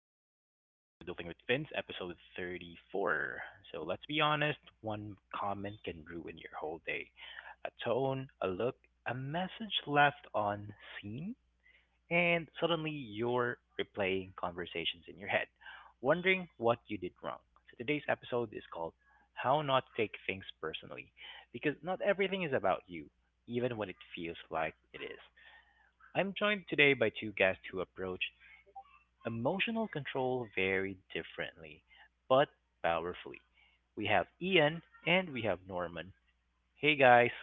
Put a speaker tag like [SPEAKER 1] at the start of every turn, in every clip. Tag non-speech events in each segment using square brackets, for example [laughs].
[SPEAKER 1] Welcome back to the Art of Adulting with Vince, episode 34. So, let's be honest, one comment can ruin your whole day. A tone, a look, a message left on scene, and suddenly you're replaying conversations in your head, wondering what you did wrong. So, today's episode is called How Not to Take Things Personally, because not everything is about you, even when it feels like it is. I'm joined today by two guests who approach emotional control very differently, but powerfully. We have Ian and we have Norman. Hey guys.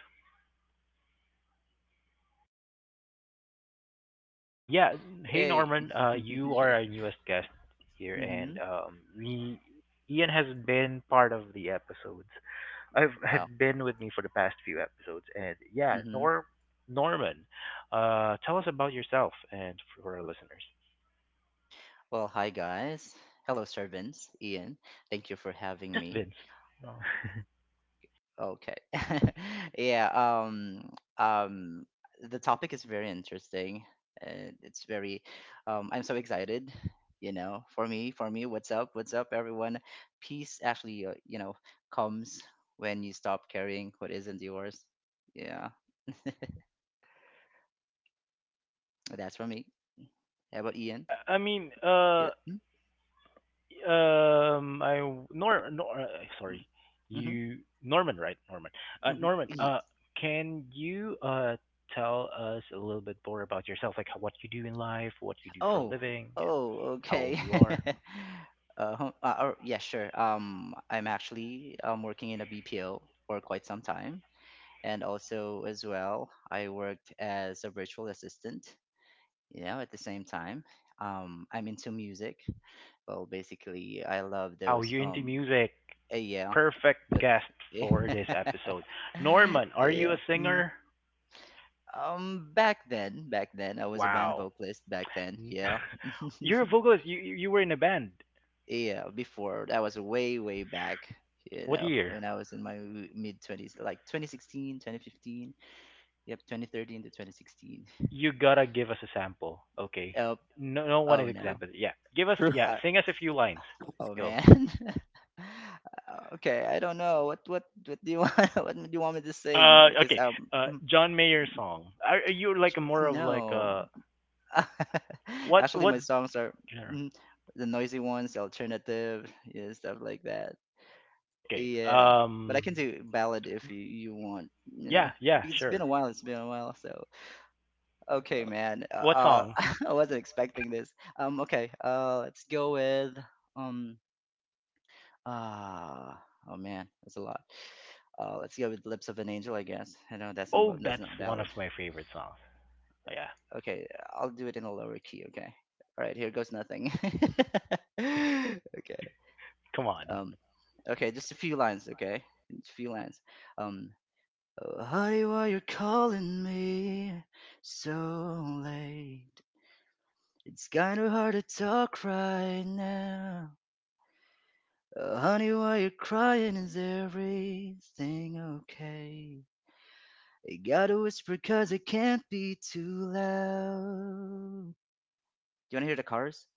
[SPEAKER 1] Yeah. Hey
[SPEAKER 2] Hey.
[SPEAKER 1] Norman.
[SPEAKER 2] [laughs]
[SPEAKER 1] You are
[SPEAKER 2] Yeah.
[SPEAKER 1] our newest guest here,
[SPEAKER 2] Mm-hmm.
[SPEAKER 1] and we Ian has been part of the episodes. I've have
[SPEAKER 2] Wow.
[SPEAKER 1] been with me for the past few episodes, and yeah,
[SPEAKER 2] Mm-hmm.
[SPEAKER 1] Nor Norman, tell us about yourself and for our listeners.
[SPEAKER 2] Well, hi guys. Hello, servants. Ian, thank you for having
[SPEAKER 1] Just
[SPEAKER 2] me.
[SPEAKER 1] Vince. No. [laughs]
[SPEAKER 2] Okay. [laughs] Yeah. Um. The topic is very interesting, and it's very. I'm so excited. You know, what's up? What's up, everyone? Peace actually, you know, comes when you stop carrying what isn't yours. Yeah, that's for me. How about Ian?
[SPEAKER 1] Yeah, I mean,
[SPEAKER 2] Yeah. Hmm?
[SPEAKER 1] I Nor Nor sorry,
[SPEAKER 2] Hmm. Mm-hmm.
[SPEAKER 1] you Norman, right? Norman.
[SPEAKER 2] Hmm.
[SPEAKER 1] Norman.
[SPEAKER 2] Yeah.
[SPEAKER 1] Can you tell us a little bit more about yourself, like how, what you do in life, what you do for a
[SPEAKER 2] Oh,
[SPEAKER 1] living, yeah,
[SPEAKER 2] oh,
[SPEAKER 1] how old
[SPEAKER 2] okay.
[SPEAKER 1] you are?
[SPEAKER 2] [laughs] Yeah, sure. I'm actually working in a BPO for quite some time, and also as well, I worked as a virtual assistant. You know, at the same time, I'm into music. Well, basically, I love
[SPEAKER 1] Wow,
[SPEAKER 2] those.
[SPEAKER 1] you're into music.
[SPEAKER 2] Yeah,
[SPEAKER 1] Perfect
[SPEAKER 2] but
[SPEAKER 1] guest
[SPEAKER 2] [laughs] yeah,
[SPEAKER 1] for this episode. Norman, are you
[SPEAKER 2] yeah.
[SPEAKER 1] a
[SPEAKER 2] Mm.
[SPEAKER 1] singer?
[SPEAKER 2] Back then, I was a band
[SPEAKER 1] Wow.
[SPEAKER 2] vocalist. Back then, yeah.
[SPEAKER 1] [laughs]
[SPEAKER 2] [laughs]
[SPEAKER 1] You're a vocalist. You were in a band.
[SPEAKER 2] Yeah, before that was way, way back, you
[SPEAKER 1] What
[SPEAKER 2] know,
[SPEAKER 1] year?
[SPEAKER 2] when I was in my mid 20s, like 2016, 2015, yep, 2013 to 2016.
[SPEAKER 1] You gotta give us a sample, okay?
[SPEAKER 2] Oh,
[SPEAKER 1] No, no one
[SPEAKER 2] oh
[SPEAKER 1] is
[SPEAKER 2] no.
[SPEAKER 3] True.
[SPEAKER 1] example. Yeah, give us.
[SPEAKER 3] True.
[SPEAKER 1] Yeah,
[SPEAKER 2] I,
[SPEAKER 1] sing us a few lines.
[SPEAKER 2] oh
[SPEAKER 1] Go.
[SPEAKER 2] man. [laughs] Okay, I don't know what do you want? [laughs] What do you want me to sing, because
[SPEAKER 1] Okay. John Mayer song. Are you like a more of like
[SPEAKER 2] no.
[SPEAKER 1] a
[SPEAKER 2] [laughs]
[SPEAKER 1] what
[SPEAKER 2] Actually,
[SPEAKER 1] what
[SPEAKER 2] my songs are
[SPEAKER 1] genre?
[SPEAKER 2] mm, the noisy ones, alternative, yeah, stuff like that.
[SPEAKER 1] Okay.
[SPEAKER 2] Yeah, but I can do ballad if you want. You know,
[SPEAKER 1] Yeah. Yeah.
[SPEAKER 2] it's been
[SPEAKER 1] Sure.
[SPEAKER 2] a while. It's been a while. So okay,
[SPEAKER 3] Wow.
[SPEAKER 2] man.
[SPEAKER 1] What song?
[SPEAKER 3] Of
[SPEAKER 2] [laughs] I wasn't expecting this. Okay. Let's go with um. Ah, oh man, that's a lot. Let's go with Lips of an Angel, I guess. I know that's
[SPEAKER 1] Oh,
[SPEAKER 2] not that's not
[SPEAKER 1] that's one of
[SPEAKER 2] ballad.
[SPEAKER 1] my favorite songs. Oh, yeah.
[SPEAKER 2] Okay, I'll do it in a lower key. Okay. All right. Here goes nothing. [laughs] Okay.
[SPEAKER 1] Come on.
[SPEAKER 2] Um. Okay, just a few lines. Okay, just a few lines. Um. Oh, honey, why you calling me so late? It's kinda hard to talk right now. Oh, honey, why you crying? Is everything okay? I gotta whisper 'cause it can't be too loud. Do you wanna hear the chorus?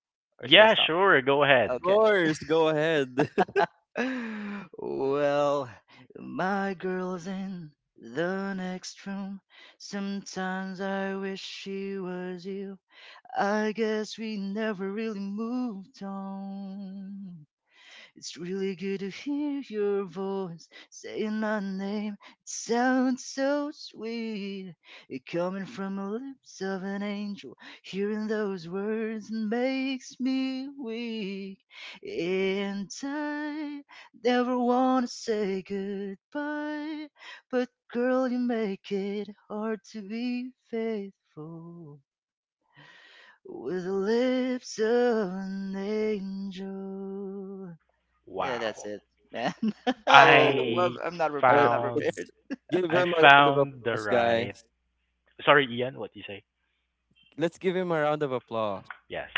[SPEAKER 2] Or should I
[SPEAKER 1] Yeah.
[SPEAKER 2] stop?
[SPEAKER 1] Sure. Go ahead.
[SPEAKER 2] Okay.
[SPEAKER 3] course, go ahead. [laughs]
[SPEAKER 2] [sighs] Well, my girl's in the next room. Sometimes I wish she was you. I guess we never really moved on. It's really good to hear your voice saying my name. It sounds so sweet. It coming from the lips of an angel. Hearing those words makes me weak. And I never want to say goodbye. But girl, you make it hard to be faithful. With the lips of an angel. Yeah, that's
[SPEAKER 1] Wow.
[SPEAKER 2] it, man. [laughs]
[SPEAKER 3] Oh,
[SPEAKER 2] Well,
[SPEAKER 1] I
[SPEAKER 3] uh,
[SPEAKER 2] I'm not
[SPEAKER 1] found.
[SPEAKER 3] let's
[SPEAKER 2] prepared. [laughs]
[SPEAKER 3] give
[SPEAKER 1] I
[SPEAKER 3] him a round of
[SPEAKER 1] found the
[SPEAKER 3] applause,
[SPEAKER 1] right.
[SPEAKER 3] guys.
[SPEAKER 1] Sorry, Ian. What do you say?
[SPEAKER 3] Let's give him a round of applause.
[SPEAKER 1] Yes.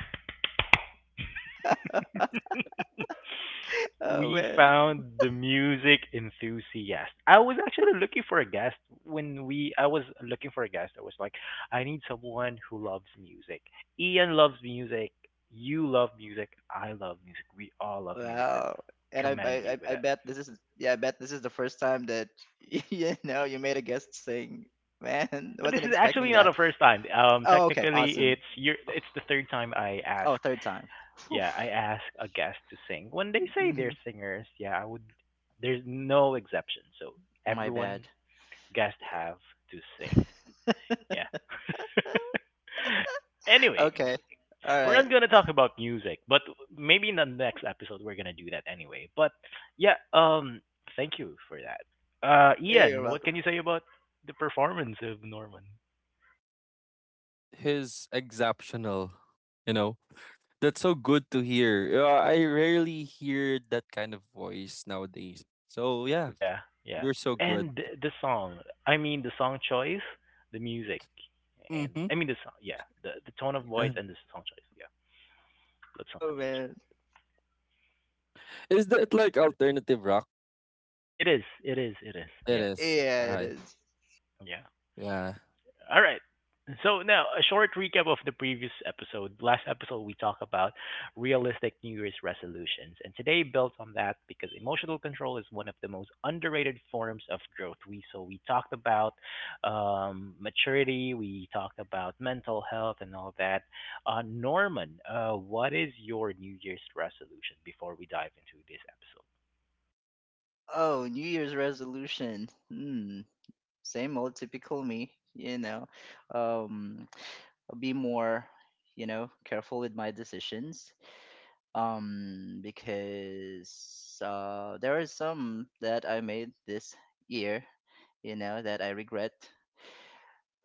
[SPEAKER 2] Oh
[SPEAKER 1] We
[SPEAKER 2] man,
[SPEAKER 1] found the music enthusiast. I was actually looking for a guest when we I was looking for a guest. I was like, I need someone who loves music. Ian loves music. You love music. I love music. We all love music. That
[SPEAKER 2] wow. And I, I
[SPEAKER 1] commend you
[SPEAKER 2] I
[SPEAKER 1] with
[SPEAKER 2] I
[SPEAKER 1] it.
[SPEAKER 2] bet this is, yeah, I bet this is the first time that [laughs] you know you made a guest sing. Man, [laughs]
[SPEAKER 1] This
[SPEAKER 2] wasn't
[SPEAKER 1] is actually
[SPEAKER 2] expecting
[SPEAKER 1] not
[SPEAKER 3] Yes,
[SPEAKER 2] that.
[SPEAKER 1] the first time.
[SPEAKER 2] Oh, okay,
[SPEAKER 1] Technically,
[SPEAKER 2] awesome.
[SPEAKER 1] it's the third time I ask.
[SPEAKER 2] Oh, third time. Phew.
[SPEAKER 1] Yeah, I ask a guest to sing. When they say they're
[SPEAKER 2] Mhm.
[SPEAKER 1] singers, yeah, I would. There's no exception. So
[SPEAKER 2] My
[SPEAKER 1] everyone
[SPEAKER 2] bad.
[SPEAKER 1] guests have to sing.
[SPEAKER 2] [laughs]
[SPEAKER 1] Yeah. [laughs] anyway,
[SPEAKER 2] Okay. All
[SPEAKER 1] we're
[SPEAKER 2] right.
[SPEAKER 1] not gonna talk about music, but maybe in the next episode we're gonna do that anyway. But yeah, thank you for that.
[SPEAKER 2] You're
[SPEAKER 1] Ian, what
[SPEAKER 2] welcome.
[SPEAKER 1] can you say about the performance of Norman?
[SPEAKER 3] he's exceptional. You know, that's so good to hear. I rarely hear that kind of voice nowadays. So yeah,
[SPEAKER 1] Yeah, yeah,
[SPEAKER 3] you're so good.
[SPEAKER 1] And the song. I mean, the song choice, the music, and
[SPEAKER 3] Mm-hmm.
[SPEAKER 1] I mean the song. Yeah, the tone of voice
[SPEAKER 3] Yeah.
[SPEAKER 1] and the song choice. Yeah, looks
[SPEAKER 2] Oh
[SPEAKER 1] something
[SPEAKER 2] man.
[SPEAKER 1] angel.
[SPEAKER 3] Is that like alternative rock?
[SPEAKER 1] It is.
[SPEAKER 3] It
[SPEAKER 1] Yeah,
[SPEAKER 3] is.
[SPEAKER 2] Yeah,
[SPEAKER 1] Mhm.
[SPEAKER 2] it is.
[SPEAKER 1] yeah.
[SPEAKER 3] Yeah.
[SPEAKER 1] All right. So now a short recap of the previous episode. Last episode we talked about realistic New Year's resolutions, and today built on that because emotional control is one of the most underrated forms of growth. We so we talked about maturity, we talked about mental health, and all that. Norman, what is your New Year's resolution? Before we dive into this episode,
[SPEAKER 2] Oh, New Year's resolution. Hmm. Same old typical me, you know. Um, I'll be more, you know, careful with my decisions. Because there are some that I made this year, you know, that I regret.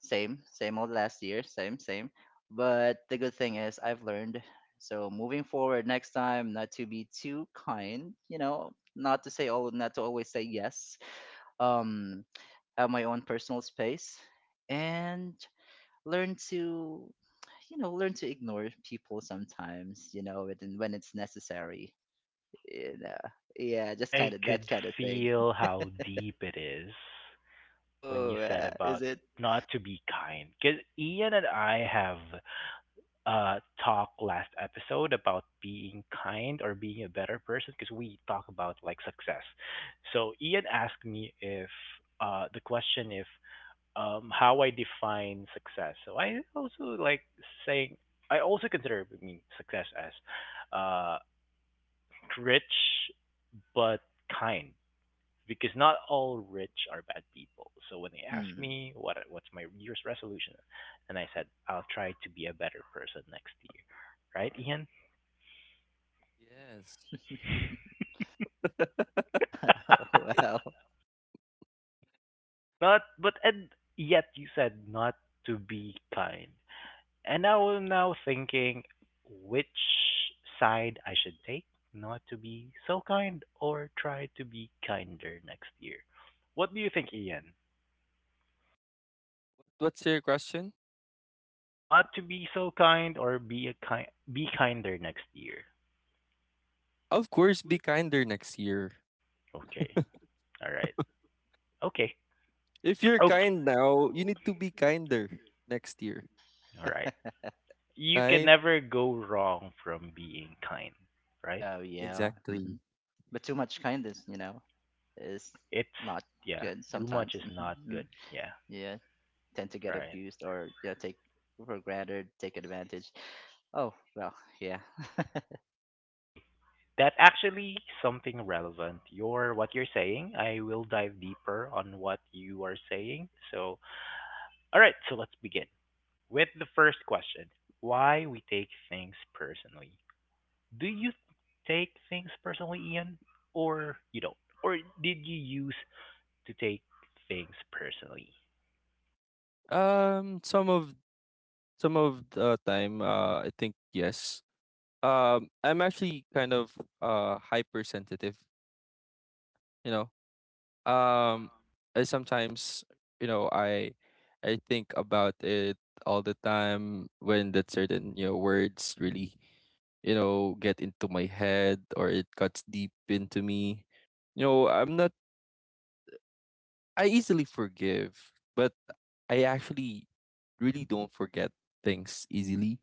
[SPEAKER 2] Same, same old last year, same, same. But the good thing is I've learned. So moving forward next time, not to be too kind, you know, not to say oh, not to always say yes. Um, my own personal space, and learn to, you know, learn to ignore people sometimes, you know, when it's necessary, you know. Yeah, just kind
[SPEAKER 1] I
[SPEAKER 2] of that
[SPEAKER 1] could
[SPEAKER 2] kind of thing.
[SPEAKER 1] feel how deep it is when you
[SPEAKER 2] Oh,
[SPEAKER 1] said
[SPEAKER 2] is
[SPEAKER 1] about
[SPEAKER 2] it?
[SPEAKER 1] not to be kind, because Ian and I have talked last episode about being kind or being a better person because we talk about like success. So Ian asked me if the question if how I define success. So I also like saying I also consider I mean success as uh rich but kind, because not all rich are bad people. So when they ask
[SPEAKER 2] Hmm.
[SPEAKER 1] me what's my New year's resolution, and I said I'll try to be a better person next year, right, Ian?
[SPEAKER 3] Yes.
[SPEAKER 2] [laughs]
[SPEAKER 1] [laughs]
[SPEAKER 2] Well.
[SPEAKER 1] not, but and yet you said not to be kind, and I was now thinking which side I should take, not to be so kind or try to be kinder next year. What do you think, Ian?
[SPEAKER 3] What's your question?
[SPEAKER 1] Not to be so kind or be a kind, be kinder next year.
[SPEAKER 3] Of course, be kinder next year.
[SPEAKER 1] Okay. All right. Okay.
[SPEAKER 3] If you're
[SPEAKER 1] Okay.
[SPEAKER 3] kind now, you need to be kinder next year,
[SPEAKER 1] All right. You can
[SPEAKER 3] right?
[SPEAKER 1] never go wrong from being kind, right?
[SPEAKER 2] Oh yeah. Hmm.
[SPEAKER 3] Exactly.
[SPEAKER 2] But too much kindness, you know, is
[SPEAKER 1] It's
[SPEAKER 2] not
[SPEAKER 1] yeah,
[SPEAKER 2] good
[SPEAKER 1] too
[SPEAKER 2] sometimes.
[SPEAKER 1] much is not
[SPEAKER 2] Mhm.
[SPEAKER 1] good. Yeah.
[SPEAKER 2] Yeah, tend to get
[SPEAKER 1] Right.
[SPEAKER 2] abused, or you know, take for granted, take advantage. Oh well. Yeah. [laughs]
[SPEAKER 1] Okay. That actually something relevant. Your what you're saying, I will dive deeper on what you are saying. So, all right, so let's begin with the first question. Why we take things personally. Do you take things personally, Ian? Or you don't? Or did you use to take things personally.
[SPEAKER 3] Um, some of some of the time, I think yes. I'm actually kind of hypersensitive, you know.
[SPEAKER 1] Yeah,
[SPEAKER 3] um I sometimes, you know, I think about it all the time when that certain, you know, words really, you know, get into my head or it cuts deep into me. You know, I'm not. I easily forgive, but I actually really don't forget things easily.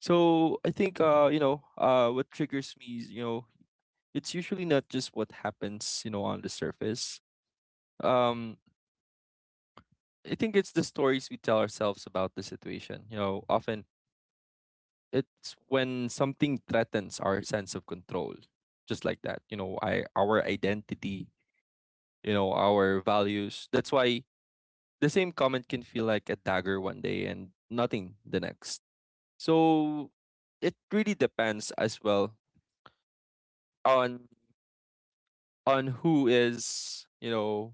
[SPEAKER 3] So I think, you know, what triggers me is, you know, it's usually not just what happens, you know, on the surface. um I think it's the stories we tell ourselves about the situation. You know, often it's when something threatens our sense of control, just like that. You know, I our identity, you know, our values. That's why the same comment can feel like a dagger one day and nothing the next. So it really depends as well on who is, you know,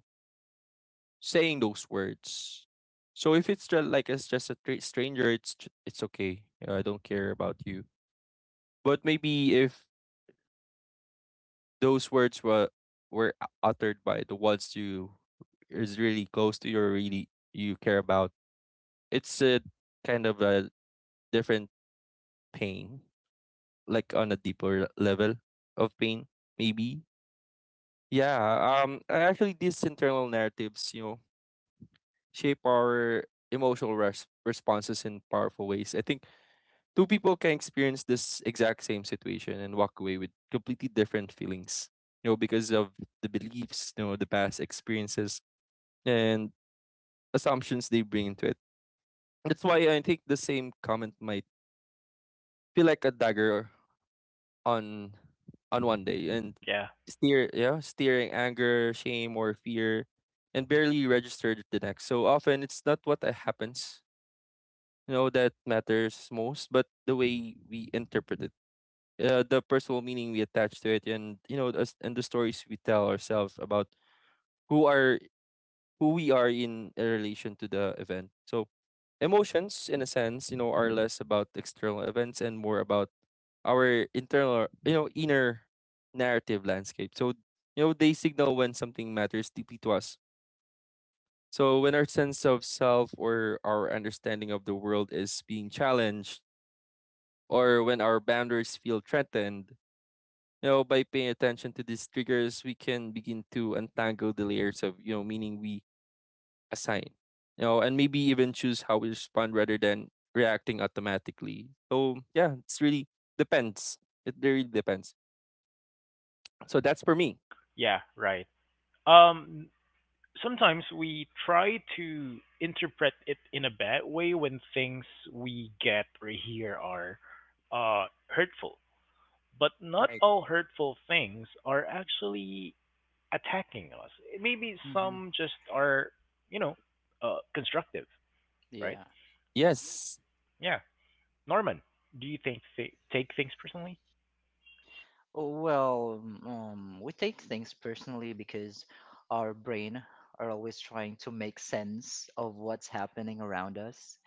[SPEAKER 3] saying those words. So if it's just like it's just a stranger, it's okay. You know, I don't care about you. But maybe if those words were uttered by the ones you is really close to you or really you care about, it's a kind of a different pain, like on a deeper level of pain, maybe. Yeah. Um actually these internal narratives, you know, shape our emotional responses in powerful ways. I think two people can experience this exact same situation and walk away with completely different feelings, you know, because of the beliefs, you know, the past experiences and assumptions they bring into it. That's why I think the same comment might feel like a dagger on one day and
[SPEAKER 1] yeah,
[SPEAKER 3] steering anger, shame or fear and barely registered the next. So often it's not what happens, you know, that matters most, but the way we interpret it. The personal meaning we attach to it and, you know, us and the stories we tell ourselves about who are who we are in a relation to the event. So emotions in a sense, you know, are less about external events and more about our internal, you know, inner narrative landscape. So, you know, they signal when something matters deeply to us. So when our sense of self or our understanding of the world is being challenged or when our boundaries feel threatened, you know, by paying attention to these triggers we can begin to untangle the layers of, you know, meaning we assign, you know, and maybe even choose how we respond rather than reacting automatically. So yeah, it's really depends. It really depends. So that's for me.
[SPEAKER 1] yeah, right. Um, sometimes we try to interpret it in a bad way when things we get or hear are hurtful. But not
[SPEAKER 3] Right.
[SPEAKER 1] all hurtful things are actually attacking us. Maybe
[SPEAKER 2] Hmm.
[SPEAKER 1] some just are, you know, constructive, right?
[SPEAKER 2] Yeah.
[SPEAKER 3] Yes.
[SPEAKER 1] Yeah. Norman, do you think take things personally?
[SPEAKER 2] Oh. Well, we take things personally because our brain are always trying to make sense of what's happening around us.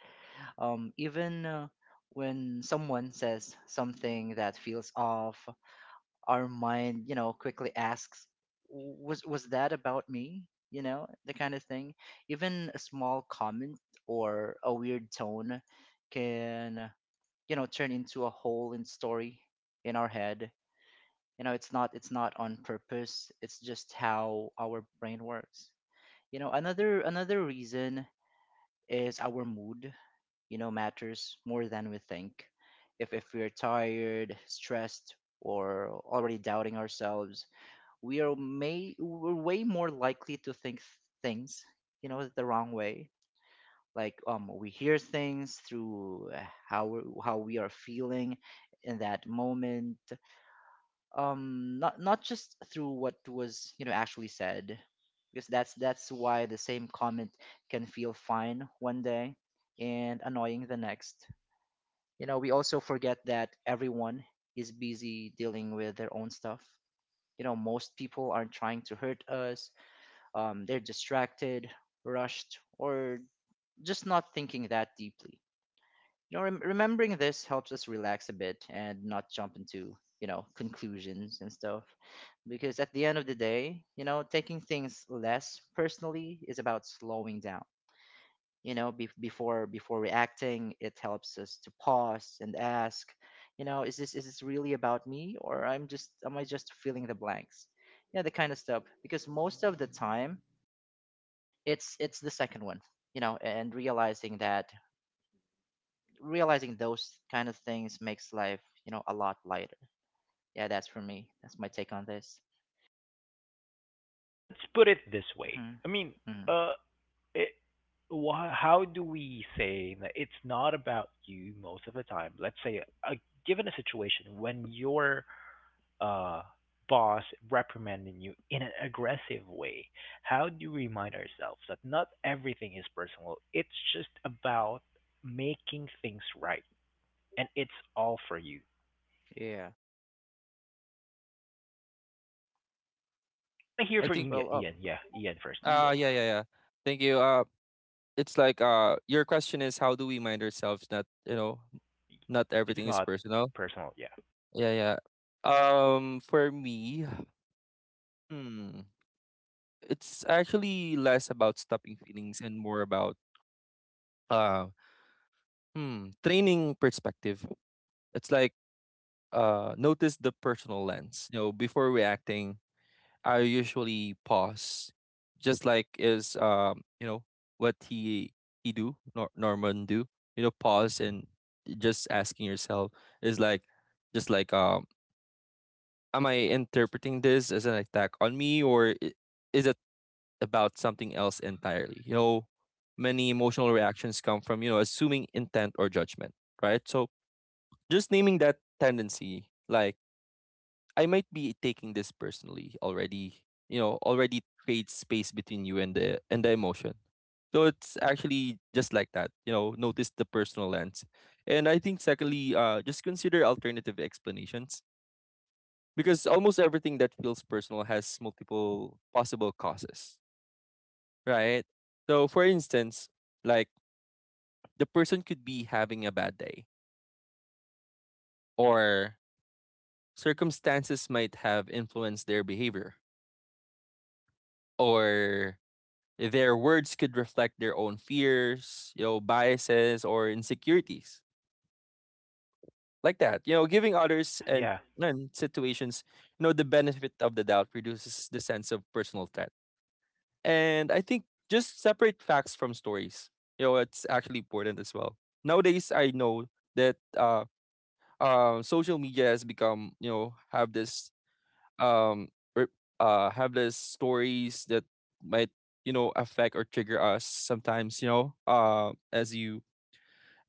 [SPEAKER 2] Even when someone says something that feels off, our mind, you know, quickly asks, "Was that about me?" You know, the kind of thing. Even a small comment or a weird tone can, you know, turn into a whole in story in our head. You know, it's not on purpose. It's just how our brain works. You know, another reason is our mood, you know, matters more than we think. If we're tired, stressed, or already doubting ourselves, we are may we're way more likely to think things, you know, the wrong way. Like, we hear things through, how we are feeling in that moment, not just through what was, you know, actually said. Because that's why the same comment can feel fine one day and annoying the next. You know, we also forget that everyone is busy dealing with their own stuff. You know, most people aren't trying to hurt us. They're distracted, rushed, or just not thinking that deeply. You know, remembering this helps us relax a bit and not jump into, you know, conclusions and stuff, because at the end of the day, you know, taking things less personally is about slowing down. You know, before reacting, it helps us to pause and ask, you know, is this really about me, or I'm just am I just filling the blanks? Yeah, the kind of stuff. Because most of the time, it's the second one, you know, and realizing those kind of things makes life, you know, a lot lighter. Yeah, that's for me. That's my take on this.
[SPEAKER 1] Let's put it this way.
[SPEAKER 2] Hmm.
[SPEAKER 1] I mean,
[SPEAKER 2] Hmm.
[SPEAKER 1] uh, it how do we say that it's not about you most of the time? Let's say, given a situation when your uh, boss reprimanding you in an aggressive way, how do we remind ourselves that not everything is personal? It's just about making things right, and it's all for you.
[SPEAKER 2] Yeah.
[SPEAKER 1] I want to hear
[SPEAKER 3] I think
[SPEAKER 1] from Ian.
[SPEAKER 2] Well,
[SPEAKER 1] Ian, yeah, Ian first.
[SPEAKER 2] oh.
[SPEAKER 1] Go.
[SPEAKER 3] yeah, yeah, yeah, thank you. It's like your question is how do we mind ourselves? Not, you know, not
[SPEAKER 1] It's
[SPEAKER 3] everything is
[SPEAKER 1] not
[SPEAKER 3] personal.
[SPEAKER 1] personal. Yeah,
[SPEAKER 3] Yeah, yeah. For me, hmm it's actually less about stopping feelings and more about uh training perspective. It's like, notice the personal lens. You know, before reacting, I usually pause. Just like is, you know, what he do, Norman do. You know, pause and just asking yourself is like, just like, am I interpreting this as an attack on me, or is it about something else entirely? You know, many emotional reactions come from, you know, assuming intent or judgment, right? So just naming that tendency, like, I might be taking this personally already, you know, already creates space between you and the emotion. So it's actually just like that, you know, notice the personal lens. And I think secondly, just consider alternative explanations because almost everything that feels personal has multiple possible causes, right? So, for instance, like, the person could be having a bad day, or circumstances might have influenced their behavior, or their words could reflect their own fears, you know, biases, or insecurities. Like that, you know, giving
[SPEAKER 1] yeah,
[SPEAKER 3] others
[SPEAKER 1] yeah,
[SPEAKER 3] and situations, you know, the benefit of the doubt reduces the sense of personal threat. And I think, just separate facts from stories. You know, it's actually important as well. Nowadays, I know that social media has become, you know, um have this stories that might, you know, affect or trigger us sometimes, you know, as you,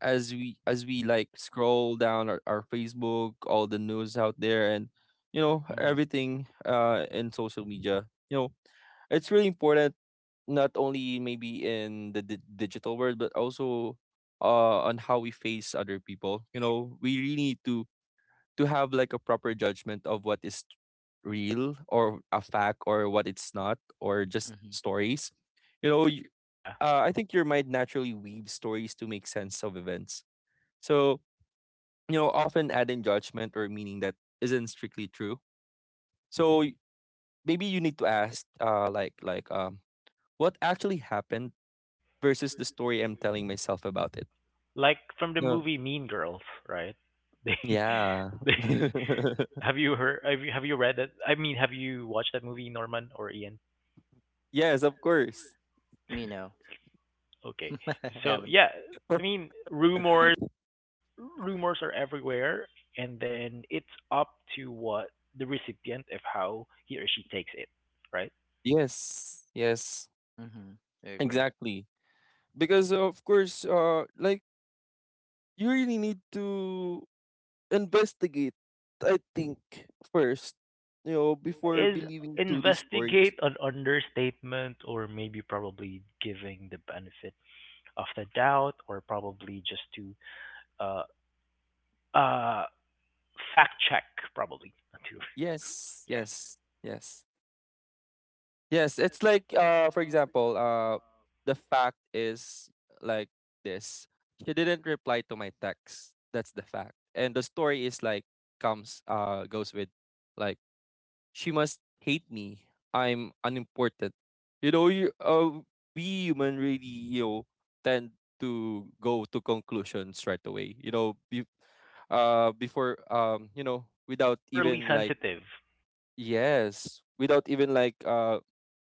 [SPEAKER 3] as we, like, scroll down our Facebook, all the news out there, and, you know,
[SPEAKER 2] Mhm.
[SPEAKER 3] everything in social media, you know, it's really important not only maybe in the digital world but also on how we face other people. You know, we really need to have like a proper judgment of what is real or a fact or what it's not or just
[SPEAKER 2] Mhm.
[SPEAKER 3] stories. You know,
[SPEAKER 1] yeah.
[SPEAKER 3] I think your mind naturally weaves stories to make sense of events. So, you know, often adding judgment or meaning that isn't strictly true. So maybe you need to ask, like, like, what actually happened versus the story I'm telling myself about it.
[SPEAKER 1] Like from the
[SPEAKER 3] No.
[SPEAKER 1] movie Mean Girls, right? [laughs] They,
[SPEAKER 3] Yeah.
[SPEAKER 1] they
[SPEAKER 3] [laughs]
[SPEAKER 1] have you heard have you read that? I mean, have you watched that movie, Norman or Ian?
[SPEAKER 3] Yes, of course.
[SPEAKER 2] Me no.
[SPEAKER 1] Okay,
[SPEAKER 2] [laughs] I
[SPEAKER 1] so
[SPEAKER 2] haven't.
[SPEAKER 1] yeah, I mean,
[SPEAKER 3] [laughs]
[SPEAKER 1] rumors are everywhere, and then it's up to what the recipient of how he or she takes it, right?
[SPEAKER 3] Yes. Yes.
[SPEAKER 2] Mhm. I agree.
[SPEAKER 3] Exactly. Because of course, like, you really need to investigate, I think, first, you know, before
[SPEAKER 1] Is
[SPEAKER 3] believing to these stories.
[SPEAKER 1] investigate an understatement or maybe probably giving the benefit of the doubt or probably just to uh uh fact check probably [laughs] too.
[SPEAKER 3] Yes,
[SPEAKER 1] Yeah,
[SPEAKER 3] yes, yes. Yes,
[SPEAKER 1] yeah.
[SPEAKER 3] it's like, for example, the fact is like this. She didn't reply to my text. That's the fact. And the story is like, comes goes with, like, she must hate me. I'm unimportant. You know, we human really, you know, tend to go to conclusions right away. You know, before, you know, without
[SPEAKER 1] Overly
[SPEAKER 3] even like,
[SPEAKER 1] sensitive.
[SPEAKER 3] yes, without even like uh,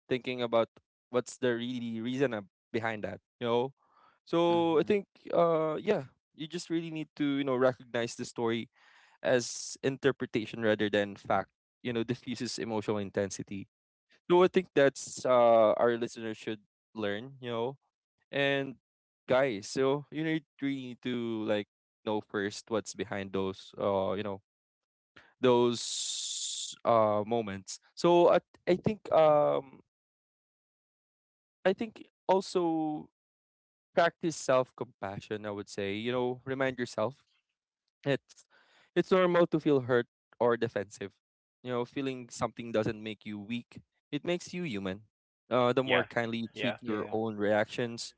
[SPEAKER 3] thinking about what's the really reason behind that, you know? So I
[SPEAKER 2] Mhm.
[SPEAKER 3] think, yeah, you just really need to, you know, recognize the story as interpretation rather than fact. You know, diffuses emotional intensity. So I think that's our listeners should learn, you know. And guys, so you need really need to, like, know first what's behind those, you know, those moments. So I I think um I think also, practice self compassion, I would say. You know, remind yourself. It's it's normal to feel hurt or defensive. You know, feeling something doesn't make you weak. It makes you human. The more
[SPEAKER 1] Yeah,
[SPEAKER 3] kindly you treat
[SPEAKER 1] yeah.
[SPEAKER 3] your
[SPEAKER 2] Yeah.
[SPEAKER 3] own reactions,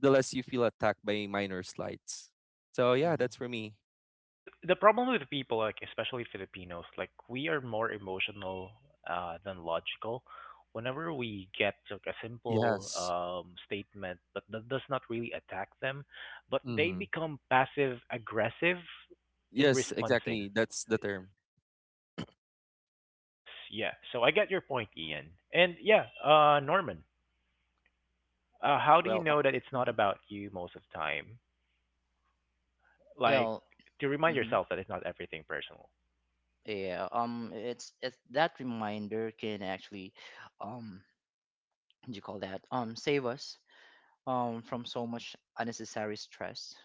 [SPEAKER 3] the less you feel attacked by minor slights. So yeah,
[SPEAKER 2] Mhm.
[SPEAKER 3] that's for me.
[SPEAKER 1] Because the problem with people, like especially Filipinos, like we are more emotional than logical. Whenever we get like a simple
[SPEAKER 3] Yes.
[SPEAKER 1] statement, but that does not really attack them, but they
[SPEAKER 3] Mm-hmm.
[SPEAKER 1] become passive aggressive in
[SPEAKER 3] Yes,
[SPEAKER 1] responding.
[SPEAKER 3] exactly. That's the term.
[SPEAKER 1] Yeah. So I get your point, Ian. And yeah, Norman, how do you
[SPEAKER 2] Well.
[SPEAKER 1] know that it's not
[SPEAKER 2] Mhm.
[SPEAKER 1] about you most of the time? Like
[SPEAKER 2] Well.
[SPEAKER 1] to remind
[SPEAKER 2] Mhm.
[SPEAKER 1] yourself that it's not everything personal.
[SPEAKER 2] Yeah. It's that reminder can actually, um. What do you call that? Save us. From so much unnecessary stress.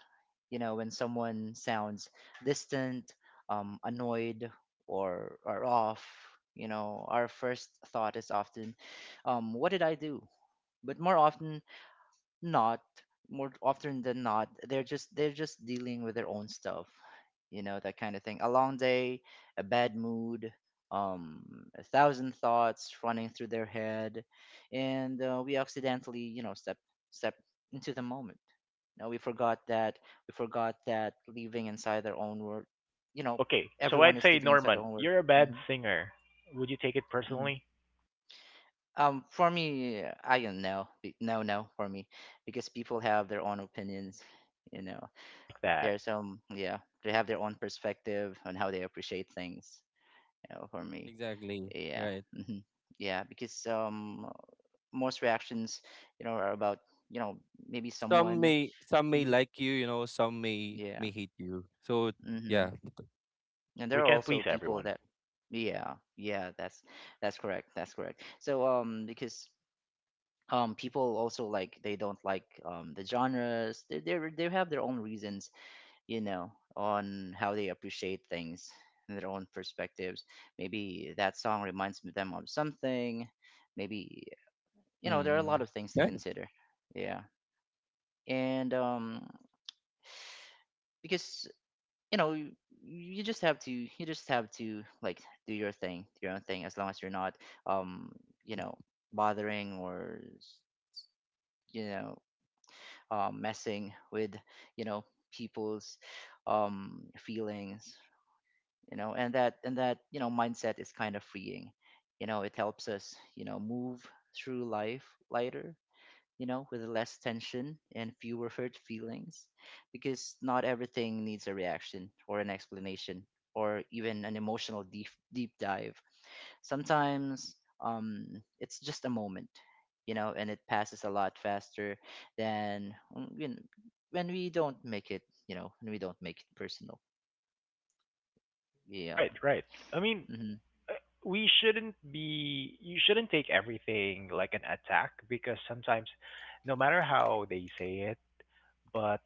[SPEAKER 2] You know, when someone sounds distant, annoyed, or off. You know, our first thought is often, what did I do? But not more often than not, they're just dealing with their own stuff, you know, that kind of thing, a long day, a bad mood, um a thousand thoughts running through their head. And we accidentally, you know, step into the moment. Now we forgot that living inside their own world, you know,
[SPEAKER 1] Okay, so
[SPEAKER 2] everyone
[SPEAKER 1] I'd
[SPEAKER 2] is
[SPEAKER 1] say
[SPEAKER 2] living inside their
[SPEAKER 1] Norman,
[SPEAKER 2] own world.
[SPEAKER 1] you're a bad
[SPEAKER 2] Hmm.
[SPEAKER 1] singer. Would you take it
[SPEAKER 2] Hmm.
[SPEAKER 1] personally?
[SPEAKER 2] For me, I don't know. No, no, for me, because people have their own opinions, you know.
[SPEAKER 1] I like
[SPEAKER 2] There
[SPEAKER 1] that.
[SPEAKER 2] are some, yeah, they have their own perspective on how they appreciate things. You know, for me,
[SPEAKER 3] Exactly.
[SPEAKER 2] yeah.
[SPEAKER 3] Right.
[SPEAKER 2] Hmm. Yeah, because most reactions, you know, are about, you know, maybe
[SPEAKER 3] Some
[SPEAKER 2] someone.
[SPEAKER 3] may some may
[SPEAKER 2] Hmm.
[SPEAKER 3] like you know, some may
[SPEAKER 2] Yeah.
[SPEAKER 3] may hate you. So
[SPEAKER 2] Hmm.
[SPEAKER 3] yeah.
[SPEAKER 2] And
[SPEAKER 1] Yeah,
[SPEAKER 2] there
[SPEAKER 1] we
[SPEAKER 2] are
[SPEAKER 1] can't
[SPEAKER 2] also
[SPEAKER 1] please
[SPEAKER 2] people
[SPEAKER 1] everyone.
[SPEAKER 2] that, yeah, yeah, that's correct, that's correct. So because people also, like, they don't like the genres, they have their own reasons, you know, on how they appreciate things and their own perspectives. Maybe that song reminds them of something. Maybe, you know, there are a
[SPEAKER 3] Mm-hmm.
[SPEAKER 2] lot of things to
[SPEAKER 3] Right.
[SPEAKER 2] consider. Yeah. And because, you know, you just have to, like, do your thing, your own thing, as long as you're not um, you know, bothering, or you know, messing with, you know, people's feelings, you know, and that, you know, mindset is kind of freeing. You know, it helps us, you know, move through life lighter, you know, with less tension and fewer hurt feelings, because not everything needs a reaction or an explanation, or even an emotional deep deep dive. Sometimes, it's just a moment, you know, and it passes a lot faster than, you know, when we don't make it, you know, when we don't make it personal. Yeah.
[SPEAKER 1] Right, right. I mean,
[SPEAKER 2] Mm-hmm.
[SPEAKER 1] uh, we shouldn't be you shouldn't take everything like an attack because sometimes no matter how they say but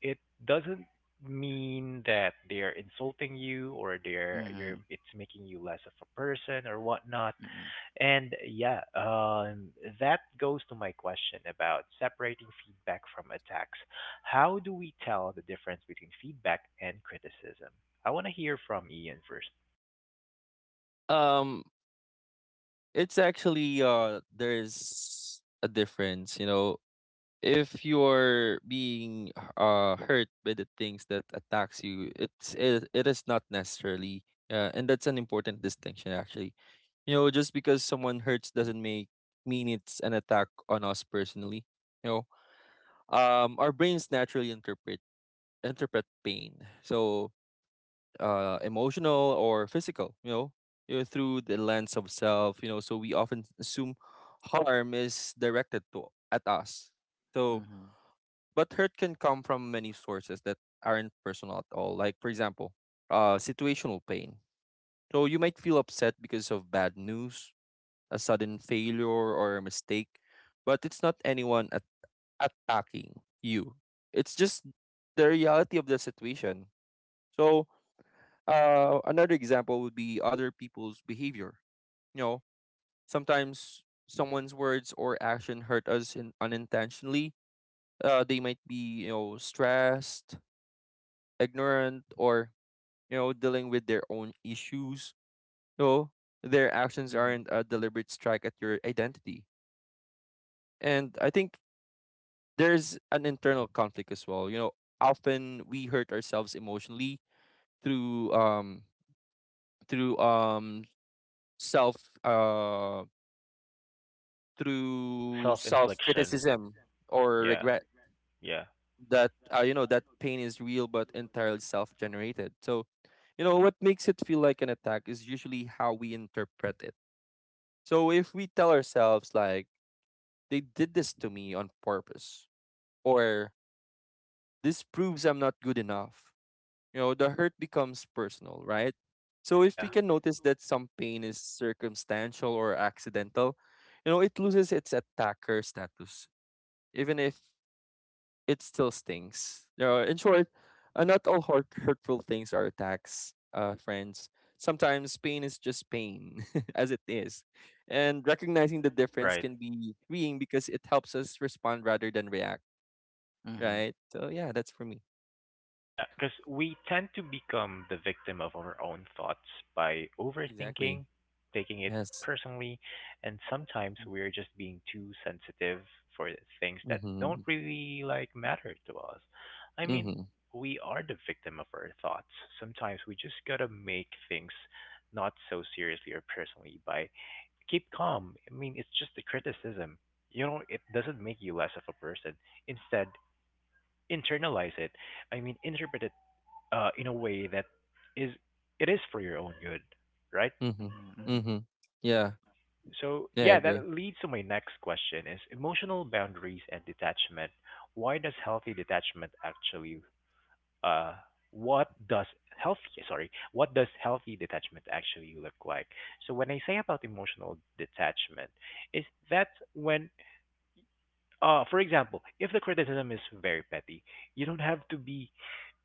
[SPEAKER 1] it doesn't mean that they're insulting you or they're
[SPEAKER 2] Mm-hmm.
[SPEAKER 1] you're it's making you less of a person or whatnot.
[SPEAKER 2] Mm-hmm.
[SPEAKER 1] And yeah, that goes to my question about separating feedback from attacks. How do we tell the difference between feedback and criticism? I want to hear from Ian first.
[SPEAKER 3] Um it's actually there's a difference, you know. If you're being hurt by the things that attacks you, it is not necessarily, and that's an important distinction actually. You know, just because someone hurts doesn't make mean it's an attack on us personally. You know, our brains naturally interpret pain. So emotional or physical, you know, through the lens of self, you know, so we often assume harm is directed to at us. So,
[SPEAKER 2] Mhm.
[SPEAKER 3] but hurt can come from many sources that aren't personal at all. Like, for example, situational pain. So you might feel upset because of bad news, a sudden failure, or a mistake, but it's not anyone attacking you. It's just the reality of the situation. So another example would be other people's behavior. You know, sometimes someone's words or action hurt us in unintentionally. They might be, you know, stressed, ignorant, or, you know, dealing with their own issues. You their actions
[SPEAKER 2] Mhm.
[SPEAKER 3] aren't a deliberate strike at your identity. And I think there's an internal conflict as well. You know, often we hurt ourselves emotionally through um through um self um through
[SPEAKER 1] Self
[SPEAKER 3] self
[SPEAKER 1] infliction.
[SPEAKER 3] criticism or
[SPEAKER 1] Yeah,
[SPEAKER 3] regret
[SPEAKER 1] yeah,
[SPEAKER 3] that, you know, that pain is real but entirely self generated. So, you know, what makes it feel like an attack is usually how we interpret it. So if we tell ourselves like they did this to me on purpose or this proves I'm not good enough, you know, the hurt becomes personal, right? So if we
[SPEAKER 1] yeah.
[SPEAKER 3] can notice that some pain is circumstantial or accidental, you know, it loses its attacker status, even if it still stings. In short, not all hurtful things are attacks, friends. Sometimes pain is just pain, [laughs] as it is. And recognizing the difference
[SPEAKER 1] Right.
[SPEAKER 3] can be freeing because it helps us respond rather than react,
[SPEAKER 2] Mhm.
[SPEAKER 3] right? So, yeah, that's for me.
[SPEAKER 1] Yeah, because we tend to become the victim of our own thoughts by
[SPEAKER 3] Exactly.
[SPEAKER 1] overthinking, taking it
[SPEAKER 3] Yes.
[SPEAKER 1] personally, and sometimes
[SPEAKER 2] Mhm.
[SPEAKER 1] we're just being too sensitive for things that
[SPEAKER 3] Mm-hmm.
[SPEAKER 1] don't really like matter to us. I
[SPEAKER 3] Mm-hmm.
[SPEAKER 1] mean, we are the victim of our thoughts. Sometimes we just gotta make things not so seriously or personally by keep calm. I mean, it's just a criticism. You know, it doesn't make you less of a person. Instead, internalize it I mean, interpret it in a way that is it is for your own good, right?
[SPEAKER 3] Mm-hmm.
[SPEAKER 2] Mhm. Mhm.
[SPEAKER 3] Mm-hmm. Yeah.
[SPEAKER 1] So
[SPEAKER 3] Yeah, I
[SPEAKER 1] yeah,
[SPEAKER 3] agree.
[SPEAKER 1] that leads to my next question: is emotional boundaries and detachment. Why does healthy detachment actually? Uh, what does healthy sorry what does healthy detachment actually look like, so when I say about emotional detachment is that when for example if the criticism is very petty you don't have to be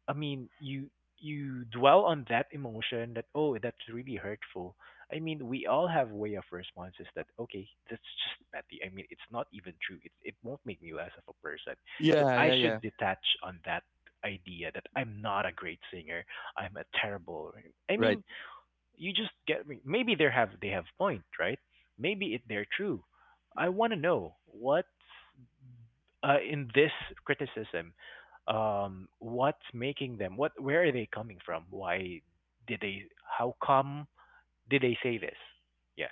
[SPEAKER 1] I mean, you dwell on that emotion that oh, that's really hurtful. I mean, we all have way of responses that okay, that's just petty. I mean, it's not even true. It won't make me less of a person. So
[SPEAKER 3] Yeah,
[SPEAKER 1] I
[SPEAKER 3] yeah,
[SPEAKER 1] should
[SPEAKER 3] yeah.
[SPEAKER 1] detach on that idea that I'm not a great singer. I'm a terrible. I
[SPEAKER 3] Right.
[SPEAKER 1] mean, you just get me. Maybe they have point, right? Maybe it they're true. I want to know what in this criticism, what's making them? What? Where are they coming from? Why did they? How come did they say this? Yeah.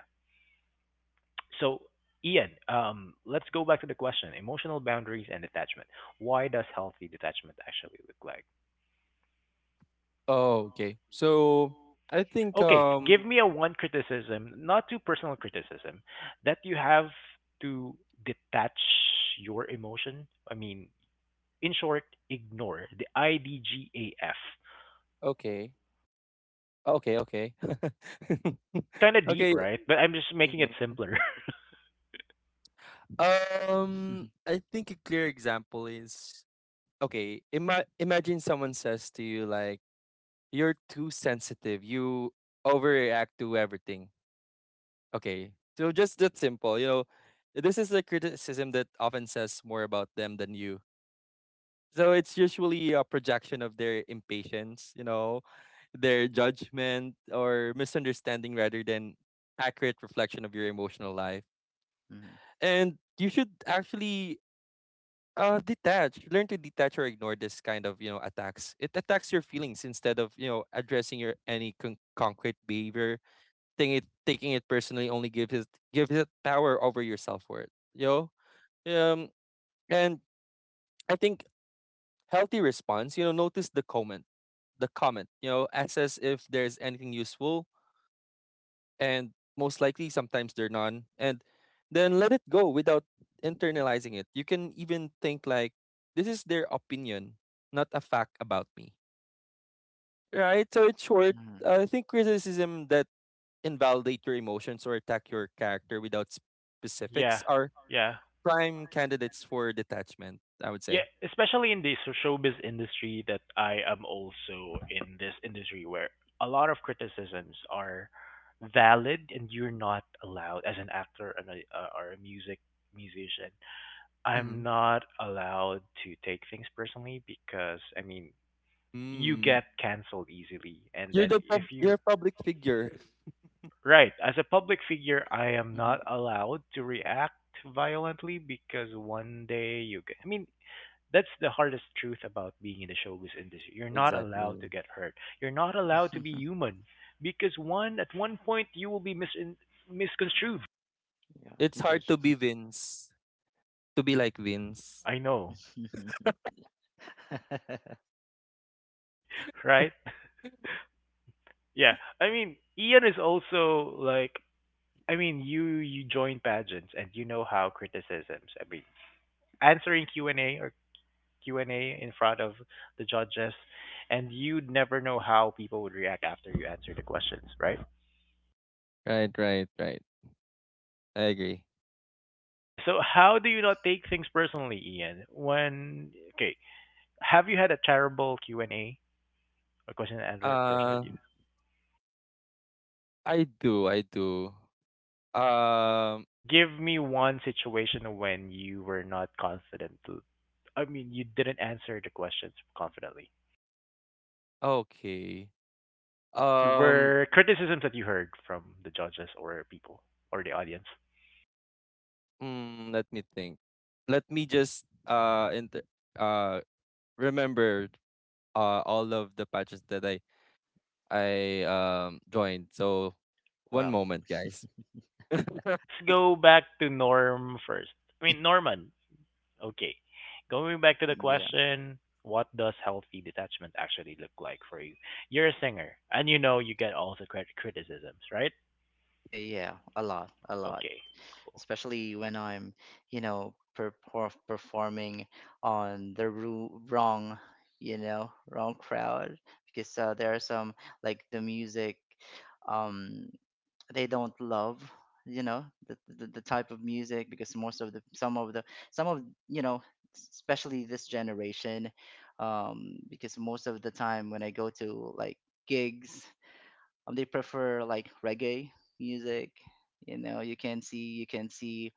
[SPEAKER 1] So, Ian, let's go back to the question: emotional boundaries and detachment. Why does healthy detachment actually look like?
[SPEAKER 3] Oh, okay. So I think
[SPEAKER 1] Okay, give me a one criticism, not too personal criticism, that you have to detach your emotion. I mean, in short, ignore the IDGAF.
[SPEAKER 3] okay. Okay, okay. [laughs]
[SPEAKER 1] That's kind of deep,
[SPEAKER 3] Okay.
[SPEAKER 1] right? But I'm just making it
[SPEAKER 3] Mhm.
[SPEAKER 1] simpler. [laughs]
[SPEAKER 2] [laughs]
[SPEAKER 3] I think a clear example is okay. Imagine someone says to you like, "You're too sensitive. You overreact to everything." Okay, so just that simple. You know, this is the criticism that often says more about them than you. So it's usually a projection of their impatience. You know, their judgment or misunderstanding rather than accurate reflection of your emotional life,
[SPEAKER 2] Mhm.
[SPEAKER 3] and you should actually detach learn to detach or ignore this kind of, you know, attacks. It attacks your feelings instead of, you know, addressing your any concrete behavior thing. It, taking it personally, only gives it power over your self-worth, you know. um and I think healthy response, you know, notice the comment, you know, assess if there's anything useful, and most likely sometimes they're none, and then let it go without internalizing it. You can even think like this is their opinion, not a fact about me, right? So it's short.
[SPEAKER 2] Mhm.
[SPEAKER 3] I think criticism that invalidate your emotions or attack your character without specifics
[SPEAKER 1] Yeah,
[SPEAKER 3] are
[SPEAKER 1] yeah,
[SPEAKER 3] prime candidates for detachment, I would say.
[SPEAKER 1] yeah. Especially in the showbiz industry that I am also in this industry where a lot of criticisms are valid and you're not allowed as an actor and a, or a musician.
[SPEAKER 3] Mm-hmm.
[SPEAKER 1] I'm not allowed to take things personally because I mean you
[SPEAKER 3] Mm.
[SPEAKER 1] get canceled easily and then if
[SPEAKER 3] You're
[SPEAKER 1] you
[SPEAKER 3] a public figure.
[SPEAKER 1] Right. As a public figure, I am not
[SPEAKER 2] Mhm.
[SPEAKER 1] allowed to react violently because one day you get. That's the hardest truth about being in the showbiz industry. You're not allowed to
[SPEAKER 3] Exactly.
[SPEAKER 1] get hurt. You're not allowed
[SPEAKER 2] [laughs]
[SPEAKER 1] to
[SPEAKER 2] Mhm.
[SPEAKER 1] be human because one point you will be misconstrued.
[SPEAKER 2] Yeah,
[SPEAKER 3] It's hard
[SPEAKER 2] judged.
[SPEAKER 3] to be Vince. To be like Vince.
[SPEAKER 1] I know,
[SPEAKER 2] [laughs]
[SPEAKER 1] [laughs] right? Yeah. Ian is also like. You join pageants and you know how criticisms. Answering Q and A in front of the judges, and you'd never know how people would react after you answer the questions, right?
[SPEAKER 3] Right, right, right. I agree.
[SPEAKER 1] Yeah. So how do you not take things personally, Ian? When okay, have you had a terrible Q and A or question and answer person that
[SPEAKER 3] Uh
[SPEAKER 1] you?
[SPEAKER 3] I do, I do. Um
[SPEAKER 1] Give me one situation when you were not confident to. You didn't answer the questions confidently,
[SPEAKER 3] okay.
[SPEAKER 1] and
[SPEAKER 3] Um
[SPEAKER 1] were criticisms that you heard from the judges or people or the audience.
[SPEAKER 3] Let me think. Let me just uh remember all of the patches that I joined. So one
[SPEAKER 2] Wow.
[SPEAKER 3] moment, guys. [laughs] Hey,
[SPEAKER 1] Let's go back to Norm first. Norman, okay. Going back to the
[SPEAKER 2] Mm. Yeah.
[SPEAKER 1] question, what does healthy detachment actually look like for you? You're a singer, and you know you get also criticisms, right?
[SPEAKER 2] Yeah, a lot, a lot.
[SPEAKER 1] Okay.
[SPEAKER 2] Especially when I'm, performing on the ru wrong, wrong crowd because there are some like the music um they don't love, the, the type of music because most of the some of the some of you know especially this generation. Because most of the time when I go to like gigs, they prefer like reggae music. You know, you can see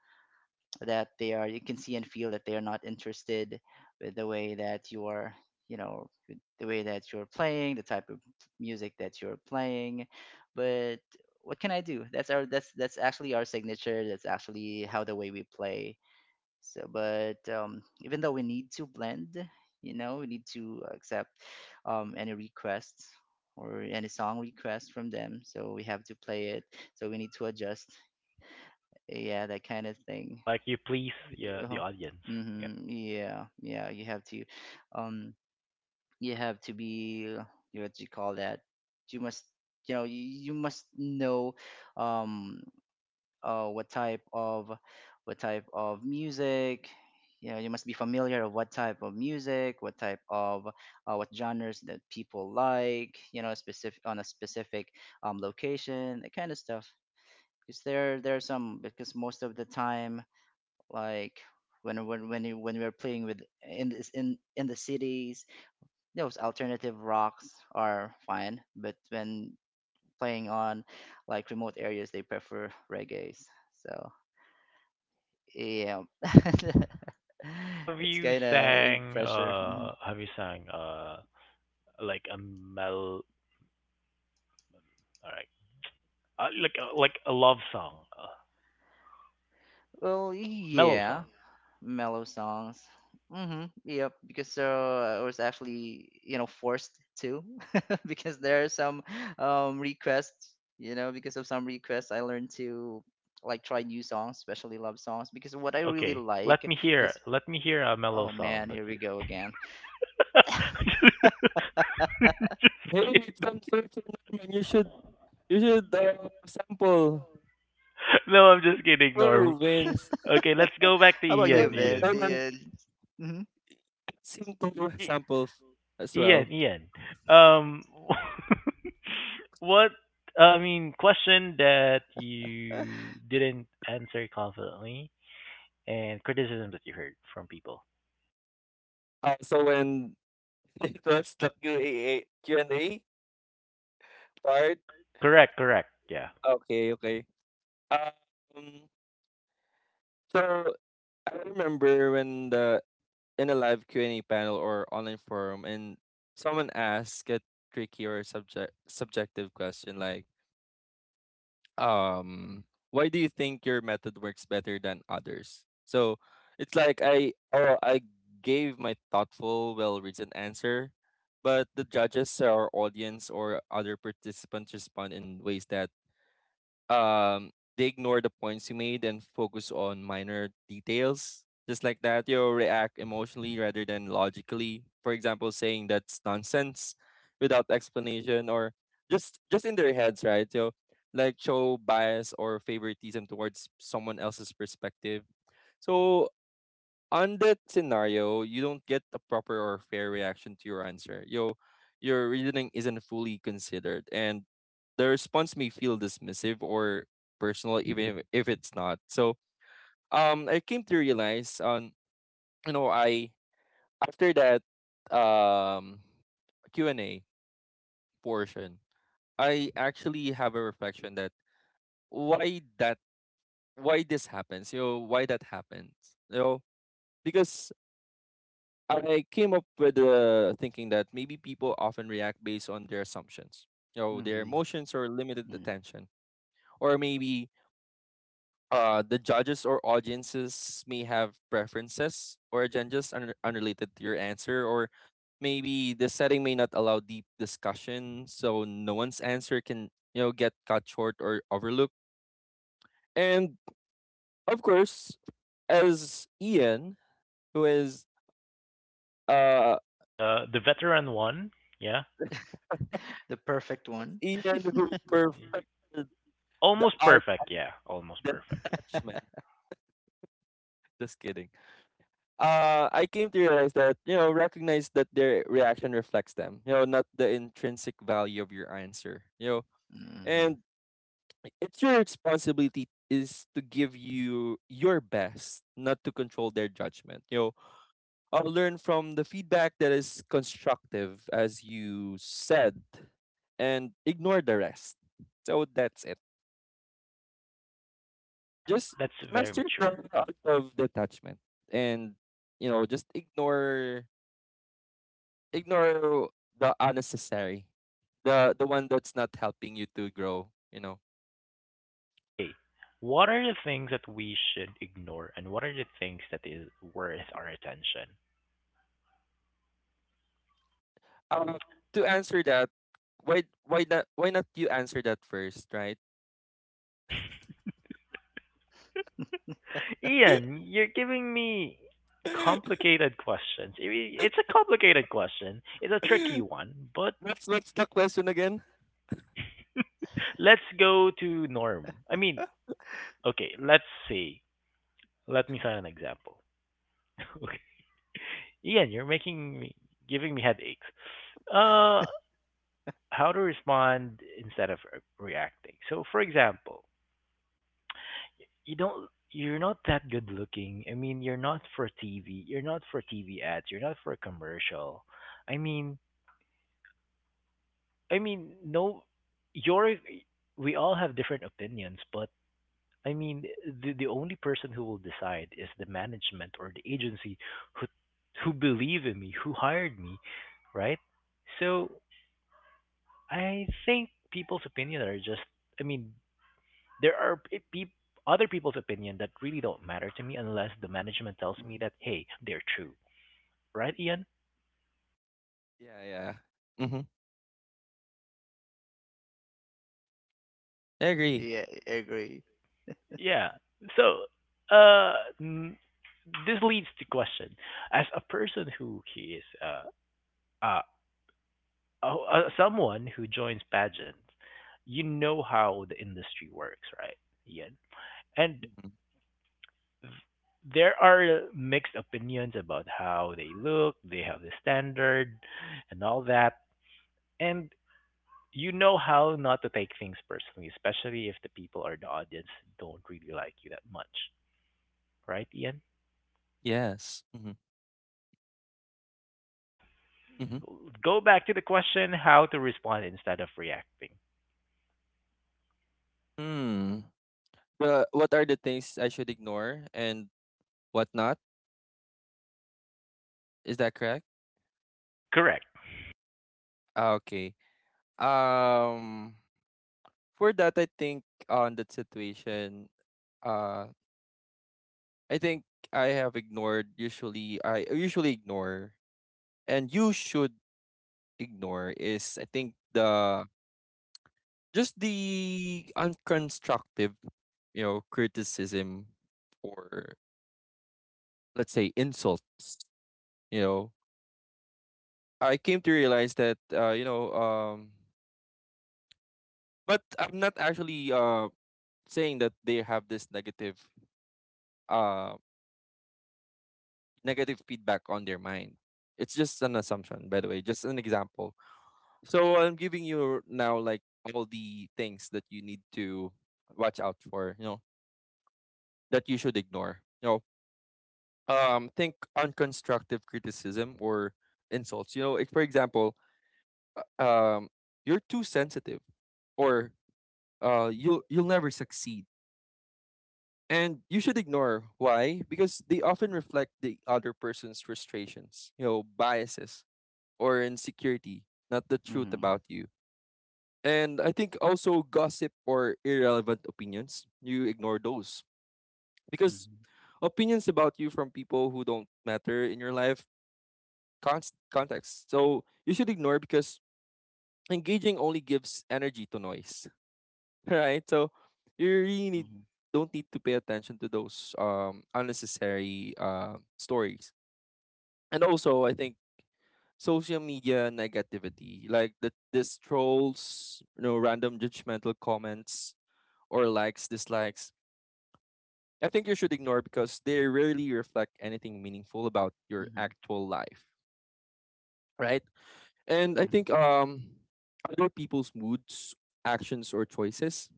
[SPEAKER 2] that they are, you can see and feel that they are not interested with the way that you are, you know, with the way that you're playing, the type of music that you're playing. But what can I do? That's actually our signature. That's actually how the way we play. So, but even though we need to blend, you know, we need to accept, any requests or any song requests from them, so we have to play it. So we need to adjust. Yeah, that kind of thing.
[SPEAKER 1] Like you please, yeah, the
[SPEAKER 2] Uh-huh.
[SPEAKER 1] audience. Yeah.
[SPEAKER 2] Hmm. Yeah, yeah. Um, you have to be. What do you call that? You must, you know, you must know, um, uh, what type of, what type of music. You know, you must be familiar of what type of music, what genres that people like. You know, specific on a specific, location, that kind of stuff. Because there are some. Because most of the time, like when we were playing with in this in the cities, those alternative rocks are fine, but when playing on like remote areas, they prefer reggae's. So yeah. [laughs] It's kind of pressure. Mhm.
[SPEAKER 1] Have you sang like a mel all right. Like a love song,
[SPEAKER 2] Well,
[SPEAKER 1] mellow
[SPEAKER 2] yeah,
[SPEAKER 1] song.
[SPEAKER 2] mellow songs. Mm-hmm. Yep. Because I was actually, you know, forced to, [laughs] because there are some requests. You know, because of some requests, I learned to like try new songs, especially love songs. Because what I really
[SPEAKER 1] Okay.
[SPEAKER 2] like is,
[SPEAKER 1] Let me hear a mellow
[SPEAKER 2] oh
[SPEAKER 1] song
[SPEAKER 2] man,
[SPEAKER 1] that
[SPEAKER 2] here
[SPEAKER 1] you.
[SPEAKER 2] we go again.
[SPEAKER 1] [laughs] [laughs]
[SPEAKER 3] it's uncertain. Norman. You should sample
[SPEAKER 1] [laughs] No, I'm just kidding, Norm.
[SPEAKER 3] who wins.
[SPEAKER 1] Okay, let's go back to
[SPEAKER 2] How about you,
[SPEAKER 1] Ian.
[SPEAKER 3] Norman,
[SPEAKER 2] Vince?
[SPEAKER 1] Ian.
[SPEAKER 3] Norman
[SPEAKER 2] Ian? Mhm.
[SPEAKER 3] seem to
[SPEAKER 1] I-
[SPEAKER 3] sample as well.
[SPEAKER 1] Ian. Ian. Um, [laughs] what? Question that you didn't answer confidently, and criticism that you heard from people.
[SPEAKER 3] So when [laughs] it was the Q&A part,
[SPEAKER 1] Correct. Correct. Yeah.
[SPEAKER 3] okay, okay. Um, so I remember when the in a live Q&A panel or online forum, and someone asked a tricky or subjective question like um why do you think your method works better than others. So it's like, I gave my thoughtful, well reasoned answer, but the judges or audience or other participants respond in ways that, um they ignore the points you made and focus on minor details, just like that. You'll react emotionally rather than logically, for example saying, "That's nonsense" without explanation, or just in their heads, right? So, like, show bias or favoritism towards someone else's perspective. So on that scenario, you don't get a proper or fair reaction to your answer. Yo, your reasoning isn't fully considered, and the response may feel dismissive or personal, even if it's not. So, I came to realize on, I, after that, um Q and A portion, I actually have a reflection that why that why this happens, you know, why that happens, you know. Because I came up with the thinking that maybe people often react based on their assumptions, you know, their
[SPEAKER 2] Mhm.
[SPEAKER 3] emotions or limited
[SPEAKER 2] Mhm.
[SPEAKER 3] attention. Or maybe, the judges or audiences may have preferences or agendas unrelated to your answer, or maybe the setting may not allow deep discussion, so no one's answer can, you know, get cut short or overlooked. And of course, as Ian, who is uh
[SPEAKER 1] The veteran one. Yeah.
[SPEAKER 2] [laughs] The perfect one.
[SPEAKER 3] Ian, who perfected the
[SPEAKER 1] Almost
[SPEAKER 3] art
[SPEAKER 1] perfect. Yeah. Almost perfect.
[SPEAKER 3] detachment. Just kidding. I came to realize that, you know, recognize that their reaction reflects them. You know, not the intrinsic value of your answer. You know,
[SPEAKER 2] Mm-hmm.
[SPEAKER 3] and it's your responsibility is to give you your best, not to control their judgment. You know, I'll learn from the feedback that is constructive, as you said, and ignore the rest. So that's it.
[SPEAKER 1] Wow.
[SPEAKER 3] Just
[SPEAKER 1] That's very
[SPEAKER 3] master
[SPEAKER 1] mature.
[SPEAKER 3] the art of detachment and, you know, just ignore the unnecessary. The one that's not helping you to grow, you know.
[SPEAKER 1] Okay, what are the things that we should ignore and what are the things that is worth our attention?
[SPEAKER 3] Um to answer that, why not you answer that first, right? [laughs]
[SPEAKER 1] Ian, you're giving me complicated questions. It's a complicated question. It's a tricky one, but
[SPEAKER 3] What's the question again?
[SPEAKER 1] let's go to norm. Okay, let's see. Let me find an example. [laughs] okay. Ian, you're making me giving me headaches. Uh how to respond instead of reacting. So for example, you're not that good looking. You're not for TV. You're not for TV ads. You're not for a commercial. I mean, no, you're, we all have different opinions, but I mean, the only person who will decide is the management or the agency who who believe in me, who hired me, right? So, I think people's opinion are just, I mean, there are p- peop other people's opinion that really don't matter to me unless the management tells me
[SPEAKER 2] Mm-hmm.
[SPEAKER 1] that hey, they're true, right, Ian?
[SPEAKER 3] Yeah, yeah. Mm-hmm. I
[SPEAKER 1] Yeah,
[SPEAKER 3] agree.
[SPEAKER 2] Yeah, I agree.
[SPEAKER 1] yeah. So, n- this leads to question: as a person who he is, uh, someone who joins pageants, you know how the industry works, right, Ian? And
[SPEAKER 3] Mhm.
[SPEAKER 1] there are mixed opinions about how they look, they have the standard, and all that. And you know how not to take things personally, especially if the people or the audience don't really like you that much, right, Ian?
[SPEAKER 3] Yes. Mm-hmm.
[SPEAKER 1] Oh,
[SPEAKER 3] Mm-hmm.
[SPEAKER 1] go back to the question: how to respond instead of reacting.
[SPEAKER 3] Hmm. The what are the things I should ignore and what not? Is that correct?
[SPEAKER 1] Correct.
[SPEAKER 3] Ah, okay. Um, for that, I think on that situation, uh, I think I have ignored. Usually, I usually ignore, and you should ignore is, I think, the just the unconstructive, you know, criticism, or let's say insults. You know, I came to realize that, but I'm not actually saying that they have this negative, um negative feedback on their mind. It's just an assumption, by the way, just an example. So I'm giving you now like all the things that you need to watch out for, you know, that you should ignore. You know, think unconstructive criticism or insults. You know, like for example, um, you're too sensitive, or you'll never succeed, and you should ignore. Why? Because they often reflect the other person's frustrations, you know, biases or insecurity, not the truth
[SPEAKER 2] Mm-hmm.
[SPEAKER 3] about you. And I think also gossip or irrelevant opinions, you ignore those because
[SPEAKER 2] Mm-hmm.
[SPEAKER 3] opinions about you from people who don't matter in your life context. So you should ignore because engaging only gives energy to noise, [laughs] right? So you really need
[SPEAKER 2] Mm-hmm.
[SPEAKER 3] don't need to pay attention to those unnecessary, stories. And also, I think social media negativity, like the this trolls, you know, random judgmental comments, or likes, dislikes. I think you should ignore because they rarely reflect anything meaningful about your
[SPEAKER 2] Mm-hmm.
[SPEAKER 3] actual life, right? And I think, other people's moods, actions, or choices,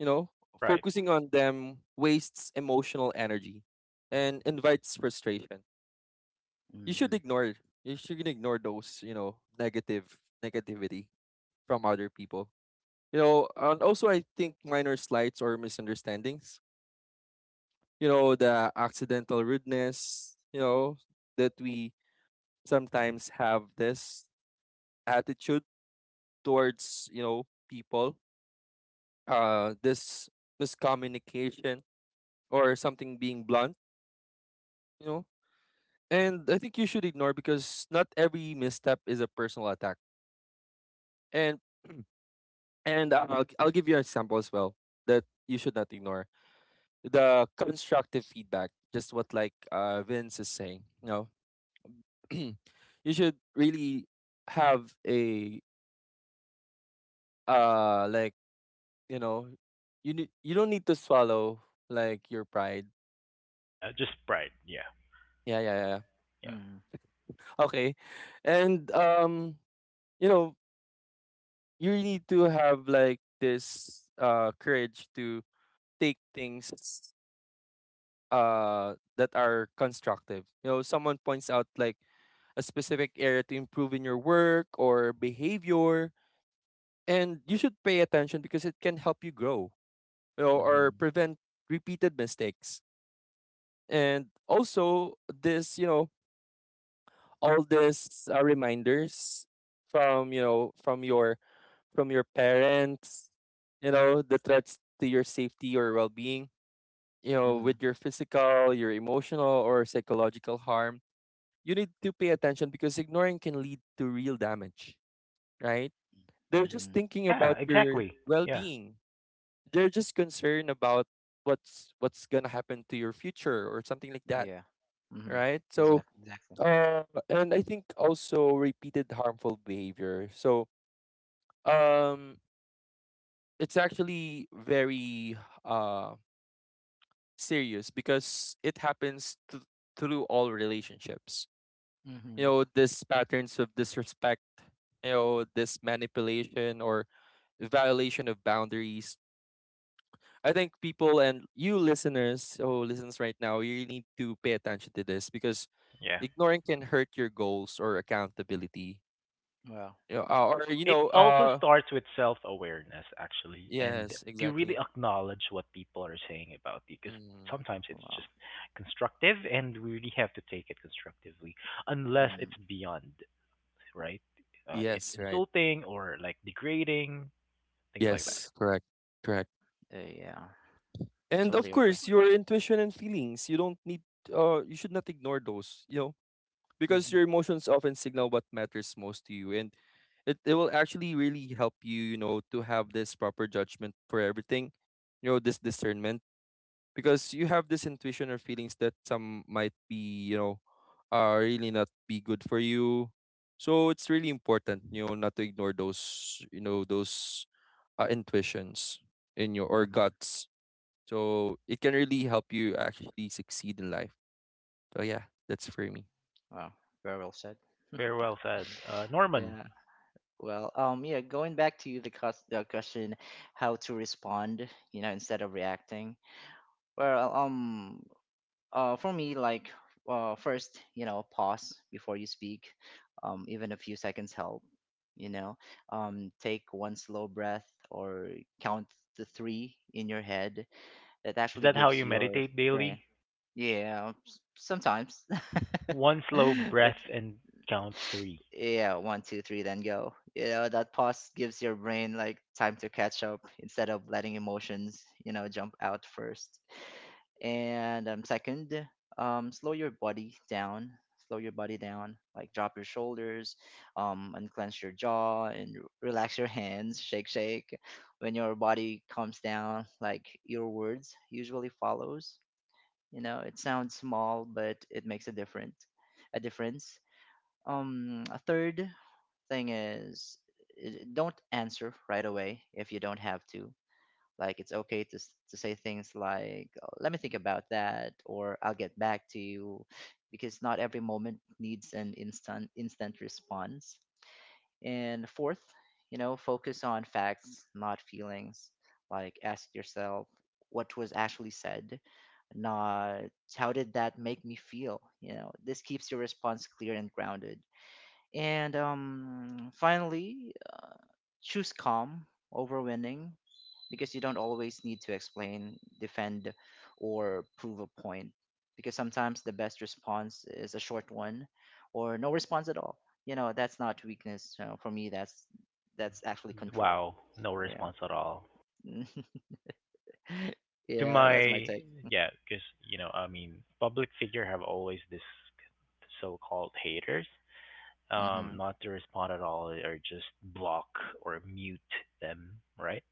[SPEAKER 3] you know,
[SPEAKER 1] Right.
[SPEAKER 3] focusing on them wastes emotional energy and invites frustration. You should
[SPEAKER 2] Mm-hmm.
[SPEAKER 3] ignore you should ignore those, you know, negative negativity from other people. You know, and also, I think minor slights or misunderstandings, you know, the accidental rudeness, you know, that we sometimes have this attitude towards, you know, people, this miscommunication or something being blunt, you know. And I think you should ignore because not every misstep is a personal attack. And and I'll give you an example as well that you should not ignore. The constructive feedback, just what like, Vince is saying. You know, [clears throat] you should really have a like, you know, you don't need to swallow, like, your pride.
[SPEAKER 1] Yeah. Just pride. Yeah.
[SPEAKER 3] Yeah, yeah, yeah. Yeah.
[SPEAKER 1] Yeah.
[SPEAKER 2] Mm-hmm.
[SPEAKER 3] Okay, and, you know, you really need to have like this courage to take things that are constructive. You know, someone points out like a specific area to improve in your work or behavior. And you should pay attention because it can help you grow, you know, or
[SPEAKER 2] Mhm.
[SPEAKER 3] prevent repeated mistakes. And also, this, you know, all these, reminders from, you know, from your parents, you know, the threats to your safety or well being, you know,
[SPEAKER 2] Mhm.
[SPEAKER 3] with your physical, your emotional, or psychological harm. You need to pay attention because ignoring can lead to real damage, right? They're just
[SPEAKER 2] Mhm.
[SPEAKER 3] thinking
[SPEAKER 1] Yeah.
[SPEAKER 3] about your
[SPEAKER 1] Exactly. Yeah.
[SPEAKER 3] well-being. They're just concerned about what's gonna happen to your future or something like that,
[SPEAKER 2] Yeah. Mhm.
[SPEAKER 3] right? So,
[SPEAKER 2] Exactly. Exactly.
[SPEAKER 3] and I think also repeated harmful behavior. So, um, it's actually very uh serious because it happens through all relationships. You
[SPEAKER 2] Mhm.
[SPEAKER 3] know, these patterns of disrespect, you know, this manipulation or violation of boundaries, I think people, and you listeners, oh, listeners, right now, you really need to pay attention to this because
[SPEAKER 1] Yeah.
[SPEAKER 3] ignoring can hurt your goals or accountability.
[SPEAKER 2] Wow.
[SPEAKER 3] You know,
[SPEAKER 1] It also starts with self-awareness, actually, and
[SPEAKER 3] yes,
[SPEAKER 1] to really
[SPEAKER 3] exactly.
[SPEAKER 1] acknowledge what people are saying about you, because
[SPEAKER 3] Mm,
[SPEAKER 1] sometimes it's just
[SPEAKER 2] Wow.
[SPEAKER 1] constructive, and we really have to take it constructively, unless it's
[SPEAKER 2] Mhm.
[SPEAKER 1] beyond, right? It's
[SPEAKER 3] yes, right.
[SPEAKER 1] insulting or like degrading, things like that.
[SPEAKER 3] Yes, correct, correct.
[SPEAKER 2] Yeah.
[SPEAKER 3] And of
[SPEAKER 2] Totally agree.
[SPEAKER 3] course, your intuition and feelings. You don't need. You should not ignore those. You know, because
[SPEAKER 2] Mhm.
[SPEAKER 3] your emotions often signal what matters most to you. And it will actually really help you, you know, to have this proper judgment for everything, you know, this discernment, because you have this intuition or feelings that some might be, you know, are really not be good for you. So it's really important, you know, not to ignore those, you know, those, intuitions in your or
[SPEAKER 2] Mhm.
[SPEAKER 3] guts, so it can really help you actually succeed in life. So yeah, that's for me.
[SPEAKER 2] Wow. Very well said.
[SPEAKER 1] Very well said.
[SPEAKER 2] [laughs]
[SPEAKER 1] Norman,
[SPEAKER 2] Yeah. Well, yeah, going back to the question, how to respond, you know, instead of reacting. Well, for me, like first, you know, pause before you speak. Even a few seconds help. You know, take one slow breath or count to three in your head. That
[SPEAKER 1] is
[SPEAKER 2] actually
[SPEAKER 1] that how
[SPEAKER 2] gives
[SPEAKER 1] you
[SPEAKER 2] your
[SPEAKER 1] meditate
[SPEAKER 2] brain.
[SPEAKER 1] daily?
[SPEAKER 2] Yeah, sometimes, [laughs]
[SPEAKER 1] One slow
[SPEAKER 2] but
[SPEAKER 1] breath and count three.
[SPEAKER 2] yeah, one, two, three, then go. You know, that pause gives your brain like time to catch up instead of letting emotions, you know, jump out first. And second, slow your body down. Slow your body down. Like drop your shoulders, unclench your jaw, and relax your hands. Shake, shake. When your body calms down, like your words usually follows. You know, it sounds small, but it makes a difference. A third thing is, don't answer right away if you don't have to, like it's okay to to say things like, "Oh, let me think about that," or "I'll get back to you," because not every moment needs an instant response. And fourth, you know, focus on facts, not feelings. Like ask yourself what was actually said, not how did that make me feel. You know, this keeps your response clear and grounded. And finally, choose calm over winning, because you don't always need to explain, defend, or prove a point. Because sometimes the best response is a short one or no response at all. You know, that's not weakness. You know, for me,
[SPEAKER 1] Oh,
[SPEAKER 2] that's actually control.
[SPEAKER 1] wow, no
[SPEAKER 2] Yeah.
[SPEAKER 1] response at all.
[SPEAKER 2] [laughs]
[SPEAKER 1] To
[SPEAKER 2] Yeah, that's my
[SPEAKER 1] my,
[SPEAKER 2] take.
[SPEAKER 1] yeah, because, you know, public figure have always this so-called haters,
[SPEAKER 2] Hmm.
[SPEAKER 1] not to respond at all or just block or mute them, right?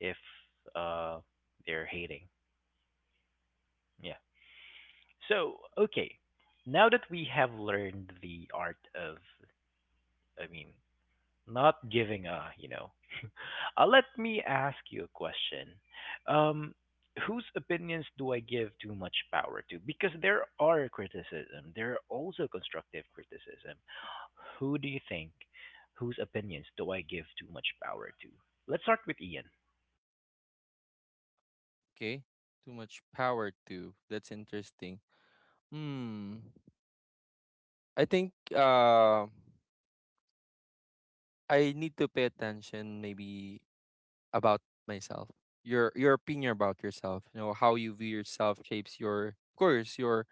[SPEAKER 1] If uh, they're hating. Yeah. So, okay, now that we have learned the art of, I mean, not giving a, you know, let me ask you a question. Um, whose opinions do I give too much power to? Because there are criticism, there are also constructive criticism. Who do you think, whose opinions do I give too much power to? Let's start with Ian.
[SPEAKER 3] Okay. Too much power too. That's interesting. Hmm. I think, I need to pay attention, maybe, about myself. Your opinion about yourself. You know, how you view yourself shapes your of course your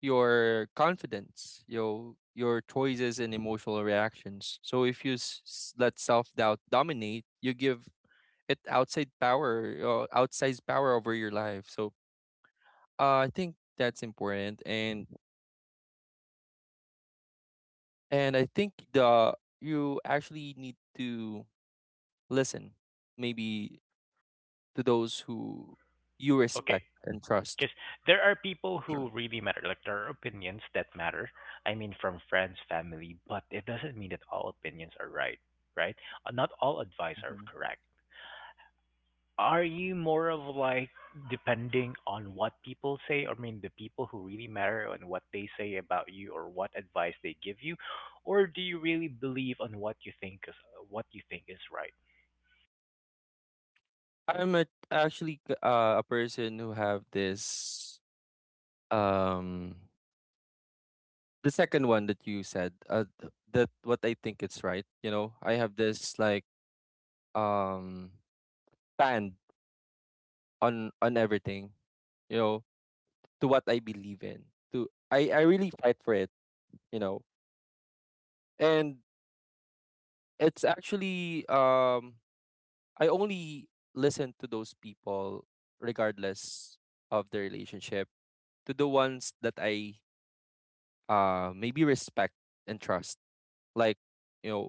[SPEAKER 3] your confidence, your choices and emotional reactions. So if you let self-doubt dominate, you give it outsized power over your life. So, I think that's important. And I think the you actually need to listen, maybe, to those who you
[SPEAKER 1] Okay.
[SPEAKER 3] respect and trust.
[SPEAKER 1] Because there are people who really matter, like there are opinions that matter. From friends, family, but it doesn't mean that all opinions are right, right? Not all advice are
[SPEAKER 2] Hmm.
[SPEAKER 1] correct. Are you more of like depending on what people say? The people who really matter on what they say about you or what advice they give you, or do you really believe on what you think is what you think is right?
[SPEAKER 3] I'm actually a person who have this, um the second one that you said, that what I think it's right, you know. I have this, like, um stand on everything, you know, to what I believe in. To I really fight for it, you know. And it's actually, I only listen to those people regardless of the relationship to the ones that I, maybe respect and trust. Like, you know,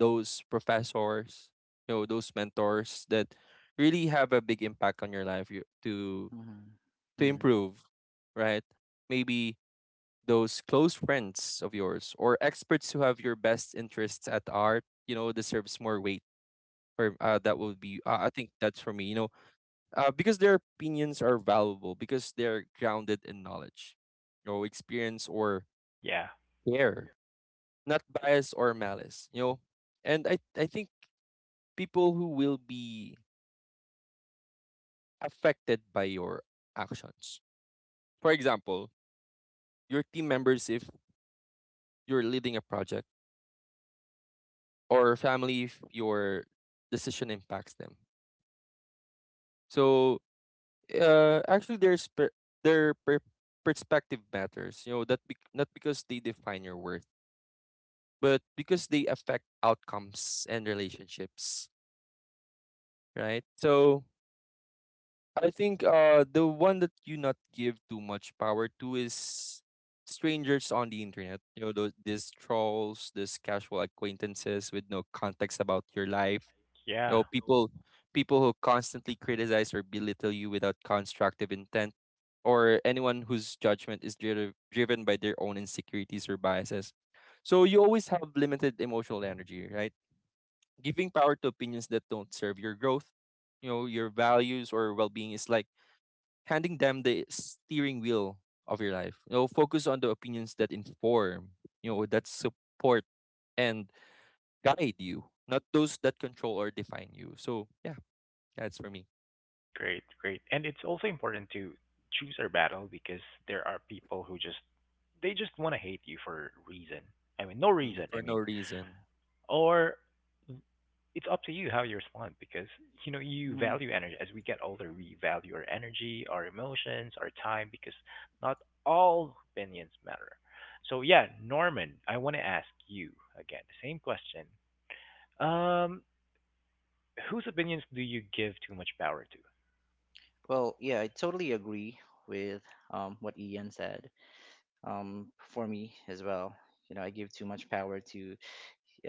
[SPEAKER 3] those professors, you know, those mentors that really have a big impact on your life
[SPEAKER 2] Hmm.
[SPEAKER 3] to
[SPEAKER 2] Mm-hmm.
[SPEAKER 3] improve, right? Maybe those close friends of yours or experts who have your best interests at heart, you know, deserves more weight. Or, that would be, I think that's for me. You know, because their opinions are valuable because they're grounded in knowledge, you know, experience or
[SPEAKER 1] Yeah,
[SPEAKER 3] care, not bias or malice, you know. And I think people who will be affected by your actions, for example, your team members if you're leading a project, or family if your decision impacts them. So, actually, their per- perspective matters, you know, not because they define your worth, but because they affect outcomes and relationships, right? So I think, the one that you not give too much power to is strangers on the internet. You know, those these trolls, these casual acquaintances with no context about your life. You
[SPEAKER 1] yeah.
[SPEAKER 3] know, people who constantly criticize or belittle you without constructive intent, or anyone whose judgment is driven by their own insecurities or biases. So you always have limited emotional energy, right? Giving power to opinions that don't serve your growth, you know, your values or well-being, is like handing them the steering wheel of your life. You know, focus on the opinions that inform, you know, that support and guide you, not those that control or define you. So yeah, that's for me.
[SPEAKER 1] Great, great. And it's also important to choose our battle because there are people who just they just want to hate you for reason. No
[SPEAKER 3] Mm,
[SPEAKER 1] reason.
[SPEAKER 3] for no reason.
[SPEAKER 1] Or it's up to you how you respond because you know you
[SPEAKER 2] Mm-hmm.
[SPEAKER 1] value energy as we get older. We value our energy, our emotions, our time because not all opinions matter. So yeah, Norman, I want to ask you again the same question. Um, whose opinions do you give too much power to?
[SPEAKER 2] Well, yeah, I totally agree with what Ian said. For me as well, you know, I give too much power to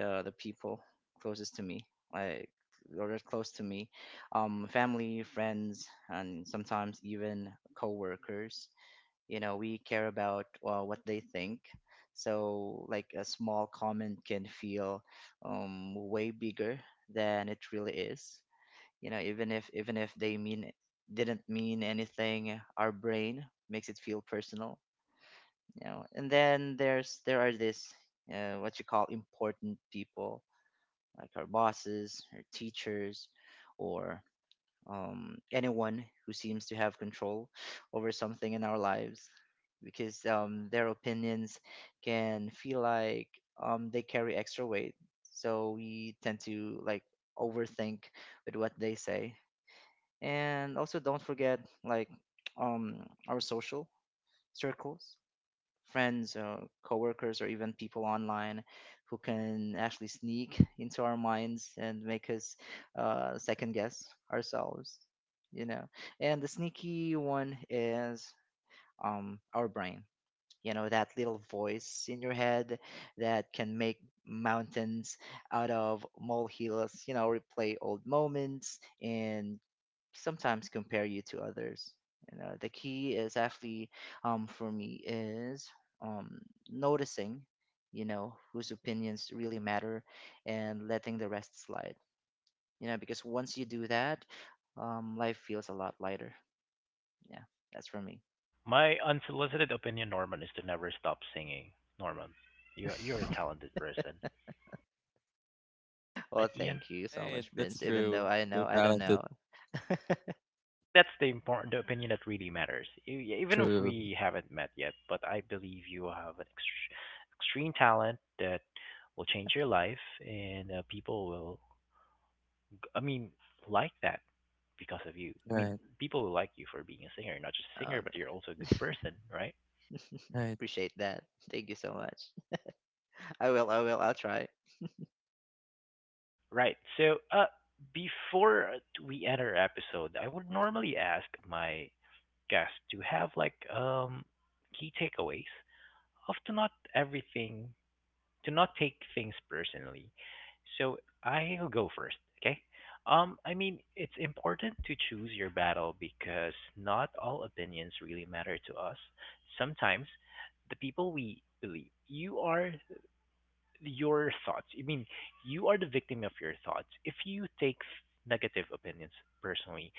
[SPEAKER 2] the people closest to me, like or as close to me, family, friends, and sometimes even coworkers. You know, we care about what they think. So, like a small comment can feel way bigger than it really is. You know, even if they mean didn't mean anything, our brain makes it feel personal. You know, and then there are this what you call important people, like our bosses, our teachers, or anyone who seems to have control over something in our lives, because their opinions can feel like they carry extra weight. So we tend to like overthink with what they say. And also don't forget like [tsk] our social circles, friends, coworkers, or even people online who can actually sneak [laughs] into our minds and make us second guess ourselves. You know, and the sneaky one is, our brain. You know, that little voice in your head that can make mountains out of molehills. You know, replay old moments and sometimes compare you to others. You know, the key is actually, for me is, um, noticing, you know, whose opinions really matter and letting the rest slide. You know, because once you do that, life feels a lot lighter. Yeah, that's for me.
[SPEAKER 1] My unsolicited opinion, Norman, is to never stop singing. Norman, you're a
[SPEAKER 2] [laughs]
[SPEAKER 1] talented person,
[SPEAKER 2] Well,
[SPEAKER 1] right, Ian? I
[SPEAKER 2] thank you so
[SPEAKER 3] Right,
[SPEAKER 2] much,
[SPEAKER 3] that's
[SPEAKER 2] Vince. Even though
[SPEAKER 3] true.
[SPEAKER 2] I know
[SPEAKER 3] You're
[SPEAKER 2] I don't
[SPEAKER 3] talented.
[SPEAKER 2] know,
[SPEAKER 1] think that's the important the opinion that really matters. Even if
[SPEAKER 3] True.
[SPEAKER 1] we haven't met yet, but I believe you have an extreme talent that will change your life, and people will, I mean, like that because of you.
[SPEAKER 3] Right.
[SPEAKER 1] People will like you for being a singer, not just a singer,
[SPEAKER 2] um,
[SPEAKER 1] but you're also a good
[SPEAKER 2] [laughs]
[SPEAKER 1] person, right?
[SPEAKER 3] Right.
[SPEAKER 2] appreciate that. Thank you so much. I will. I will. I'll try.
[SPEAKER 1] Right. So, before we end our episode, I would normally ask my guests to have like key takeaways of to not everything to not take things personally. So I'll go first, okay? I mean, it's important to choose your battle because not all opinions really matter to us. Sometimes the people we believe you are your thoughts. You are the victim of your thoughts. If you take negative opinions personally,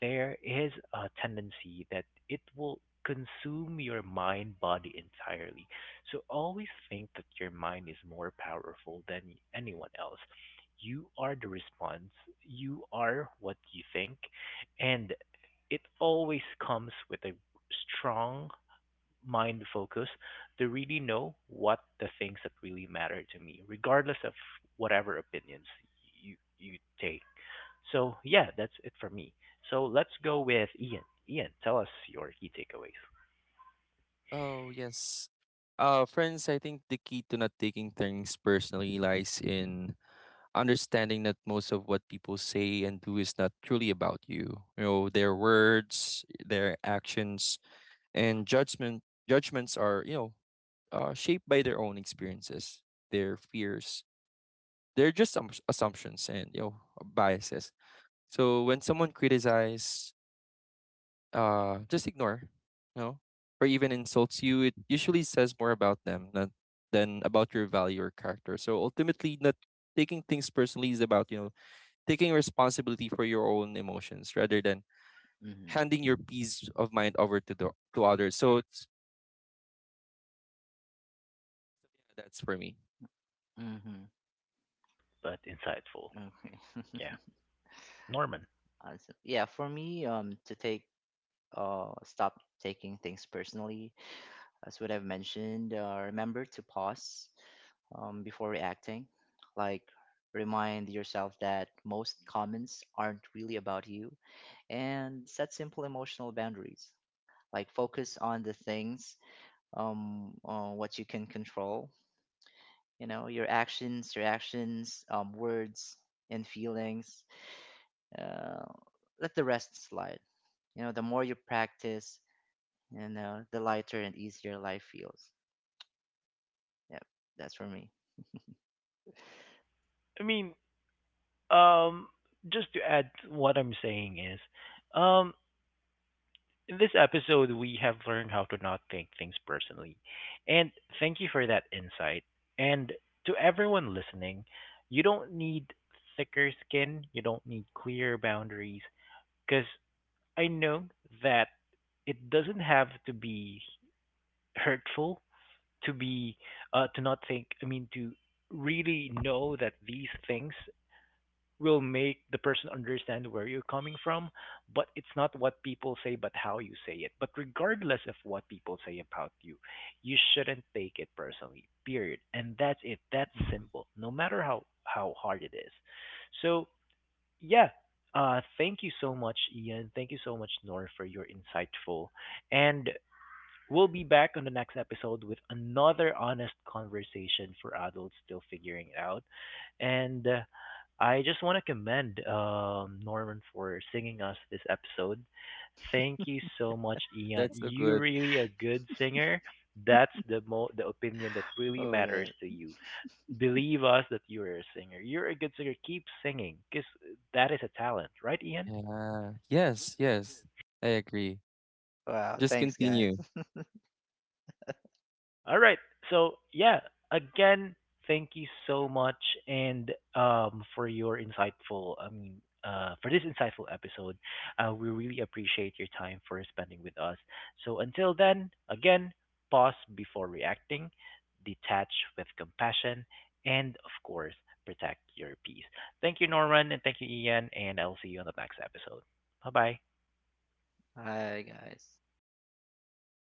[SPEAKER 1] there is a tendency that it will consume your mind body entirely. So always think that your mind is more powerful than anyone else. You are the response, you are what you think, and it always comes with a strong mind focus to really know what the things that really matter to me, regardless of whatever opinions you take. So yeah, that's it for me. So let's go with Ian. Ian, tell us your key takeaways.
[SPEAKER 3] Oh yes. Friends, I think the key to not taking things personally lies in understanding that most of what people say and do is not truly about you. You know, their words, their actions, and judgments are, you know, shaped by their own experiences, their fears, they're just some assumptions and, you know, biases. So when someone criticizes, just ignore, you know, or even insults you, it usually says more about them than about your value or character. So ultimately, not taking things personally is about, you know, taking responsibility for your own emotions rather than
[SPEAKER 2] Mm-hmm.
[SPEAKER 3] handing your peace of mind over to the to others. So that's for me.
[SPEAKER 1] Short but insightful.
[SPEAKER 2] Mm-hmm. Okay.
[SPEAKER 1] Yeah,
[SPEAKER 2] [laughs]
[SPEAKER 1] Norman.
[SPEAKER 2] Awesome. Yeah, for me, to stop taking things personally, as what I've mentioned, remember to pause, before reacting. Like, remind yourself that most comments aren't really about you, and set simple emotional boundaries. Like, focus on the things, what you can control. You know, your actions, reactions, words, and feelings. Uh, let the rest slide. You know, the more you practice, you know, the lighter and easier life feels. Yep, that's for me. [laughs]
[SPEAKER 1] I mean, um, just to add, what I'm saying is, um, in this episode, we have learned how to not take things personally. And thank you for that insight. And to everyone listening, you don't need thicker skin, you don't need clear boundaries, because I know that it doesn't have to be hurtful to be to not think, to really know that these things will make the person understand where you're coming from, but it's not what people say, but how you say it. But regardless of what people say about you, you shouldn't take it personally, period. And that's it. That's
[SPEAKER 2] Mhm.
[SPEAKER 1] simple, no matter how hard it is. So, yeah. Thank you so much, Ian. Thank you so much, Nor, for your insightful. And we'll be back on the next episode with another honest conversation for adults still figuring it out. And I just want to commend Norman for singing us this episode. Thank you so much, Ian.
[SPEAKER 3] That's a
[SPEAKER 1] You are
[SPEAKER 3] good.
[SPEAKER 1] really a good singer. That's the the opinion that really
[SPEAKER 2] Oh
[SPEAKER 1] matters
[SPEAKER 2] man.
[SPEAKER 1] to you. Believe us that you are a singer. You're a good singer. Keep singing because that is a talent, right, Ian?
[SPEAKER 3] Yeah. Yes. Yes. I agree.
[SPEAKER 2] Wow,
[SPEAKER 3] Just
[SPEAKER 2] thanks guys.
[SPEAKER 3] continue.
[SPEAKER 2] [laughs]
[SPEAKER 1] All right. So yeah, again, thank you so much and for your insightful, for this insightful episode. We really appreciate your time for spending with us. So until then, again, pause before reacting, detach with compassion, and of course, protect your peace. Thank you Norman and thank you Ian and I'll see you on the next episode. Bye bye.
[SPEAKER 2] Bye guys.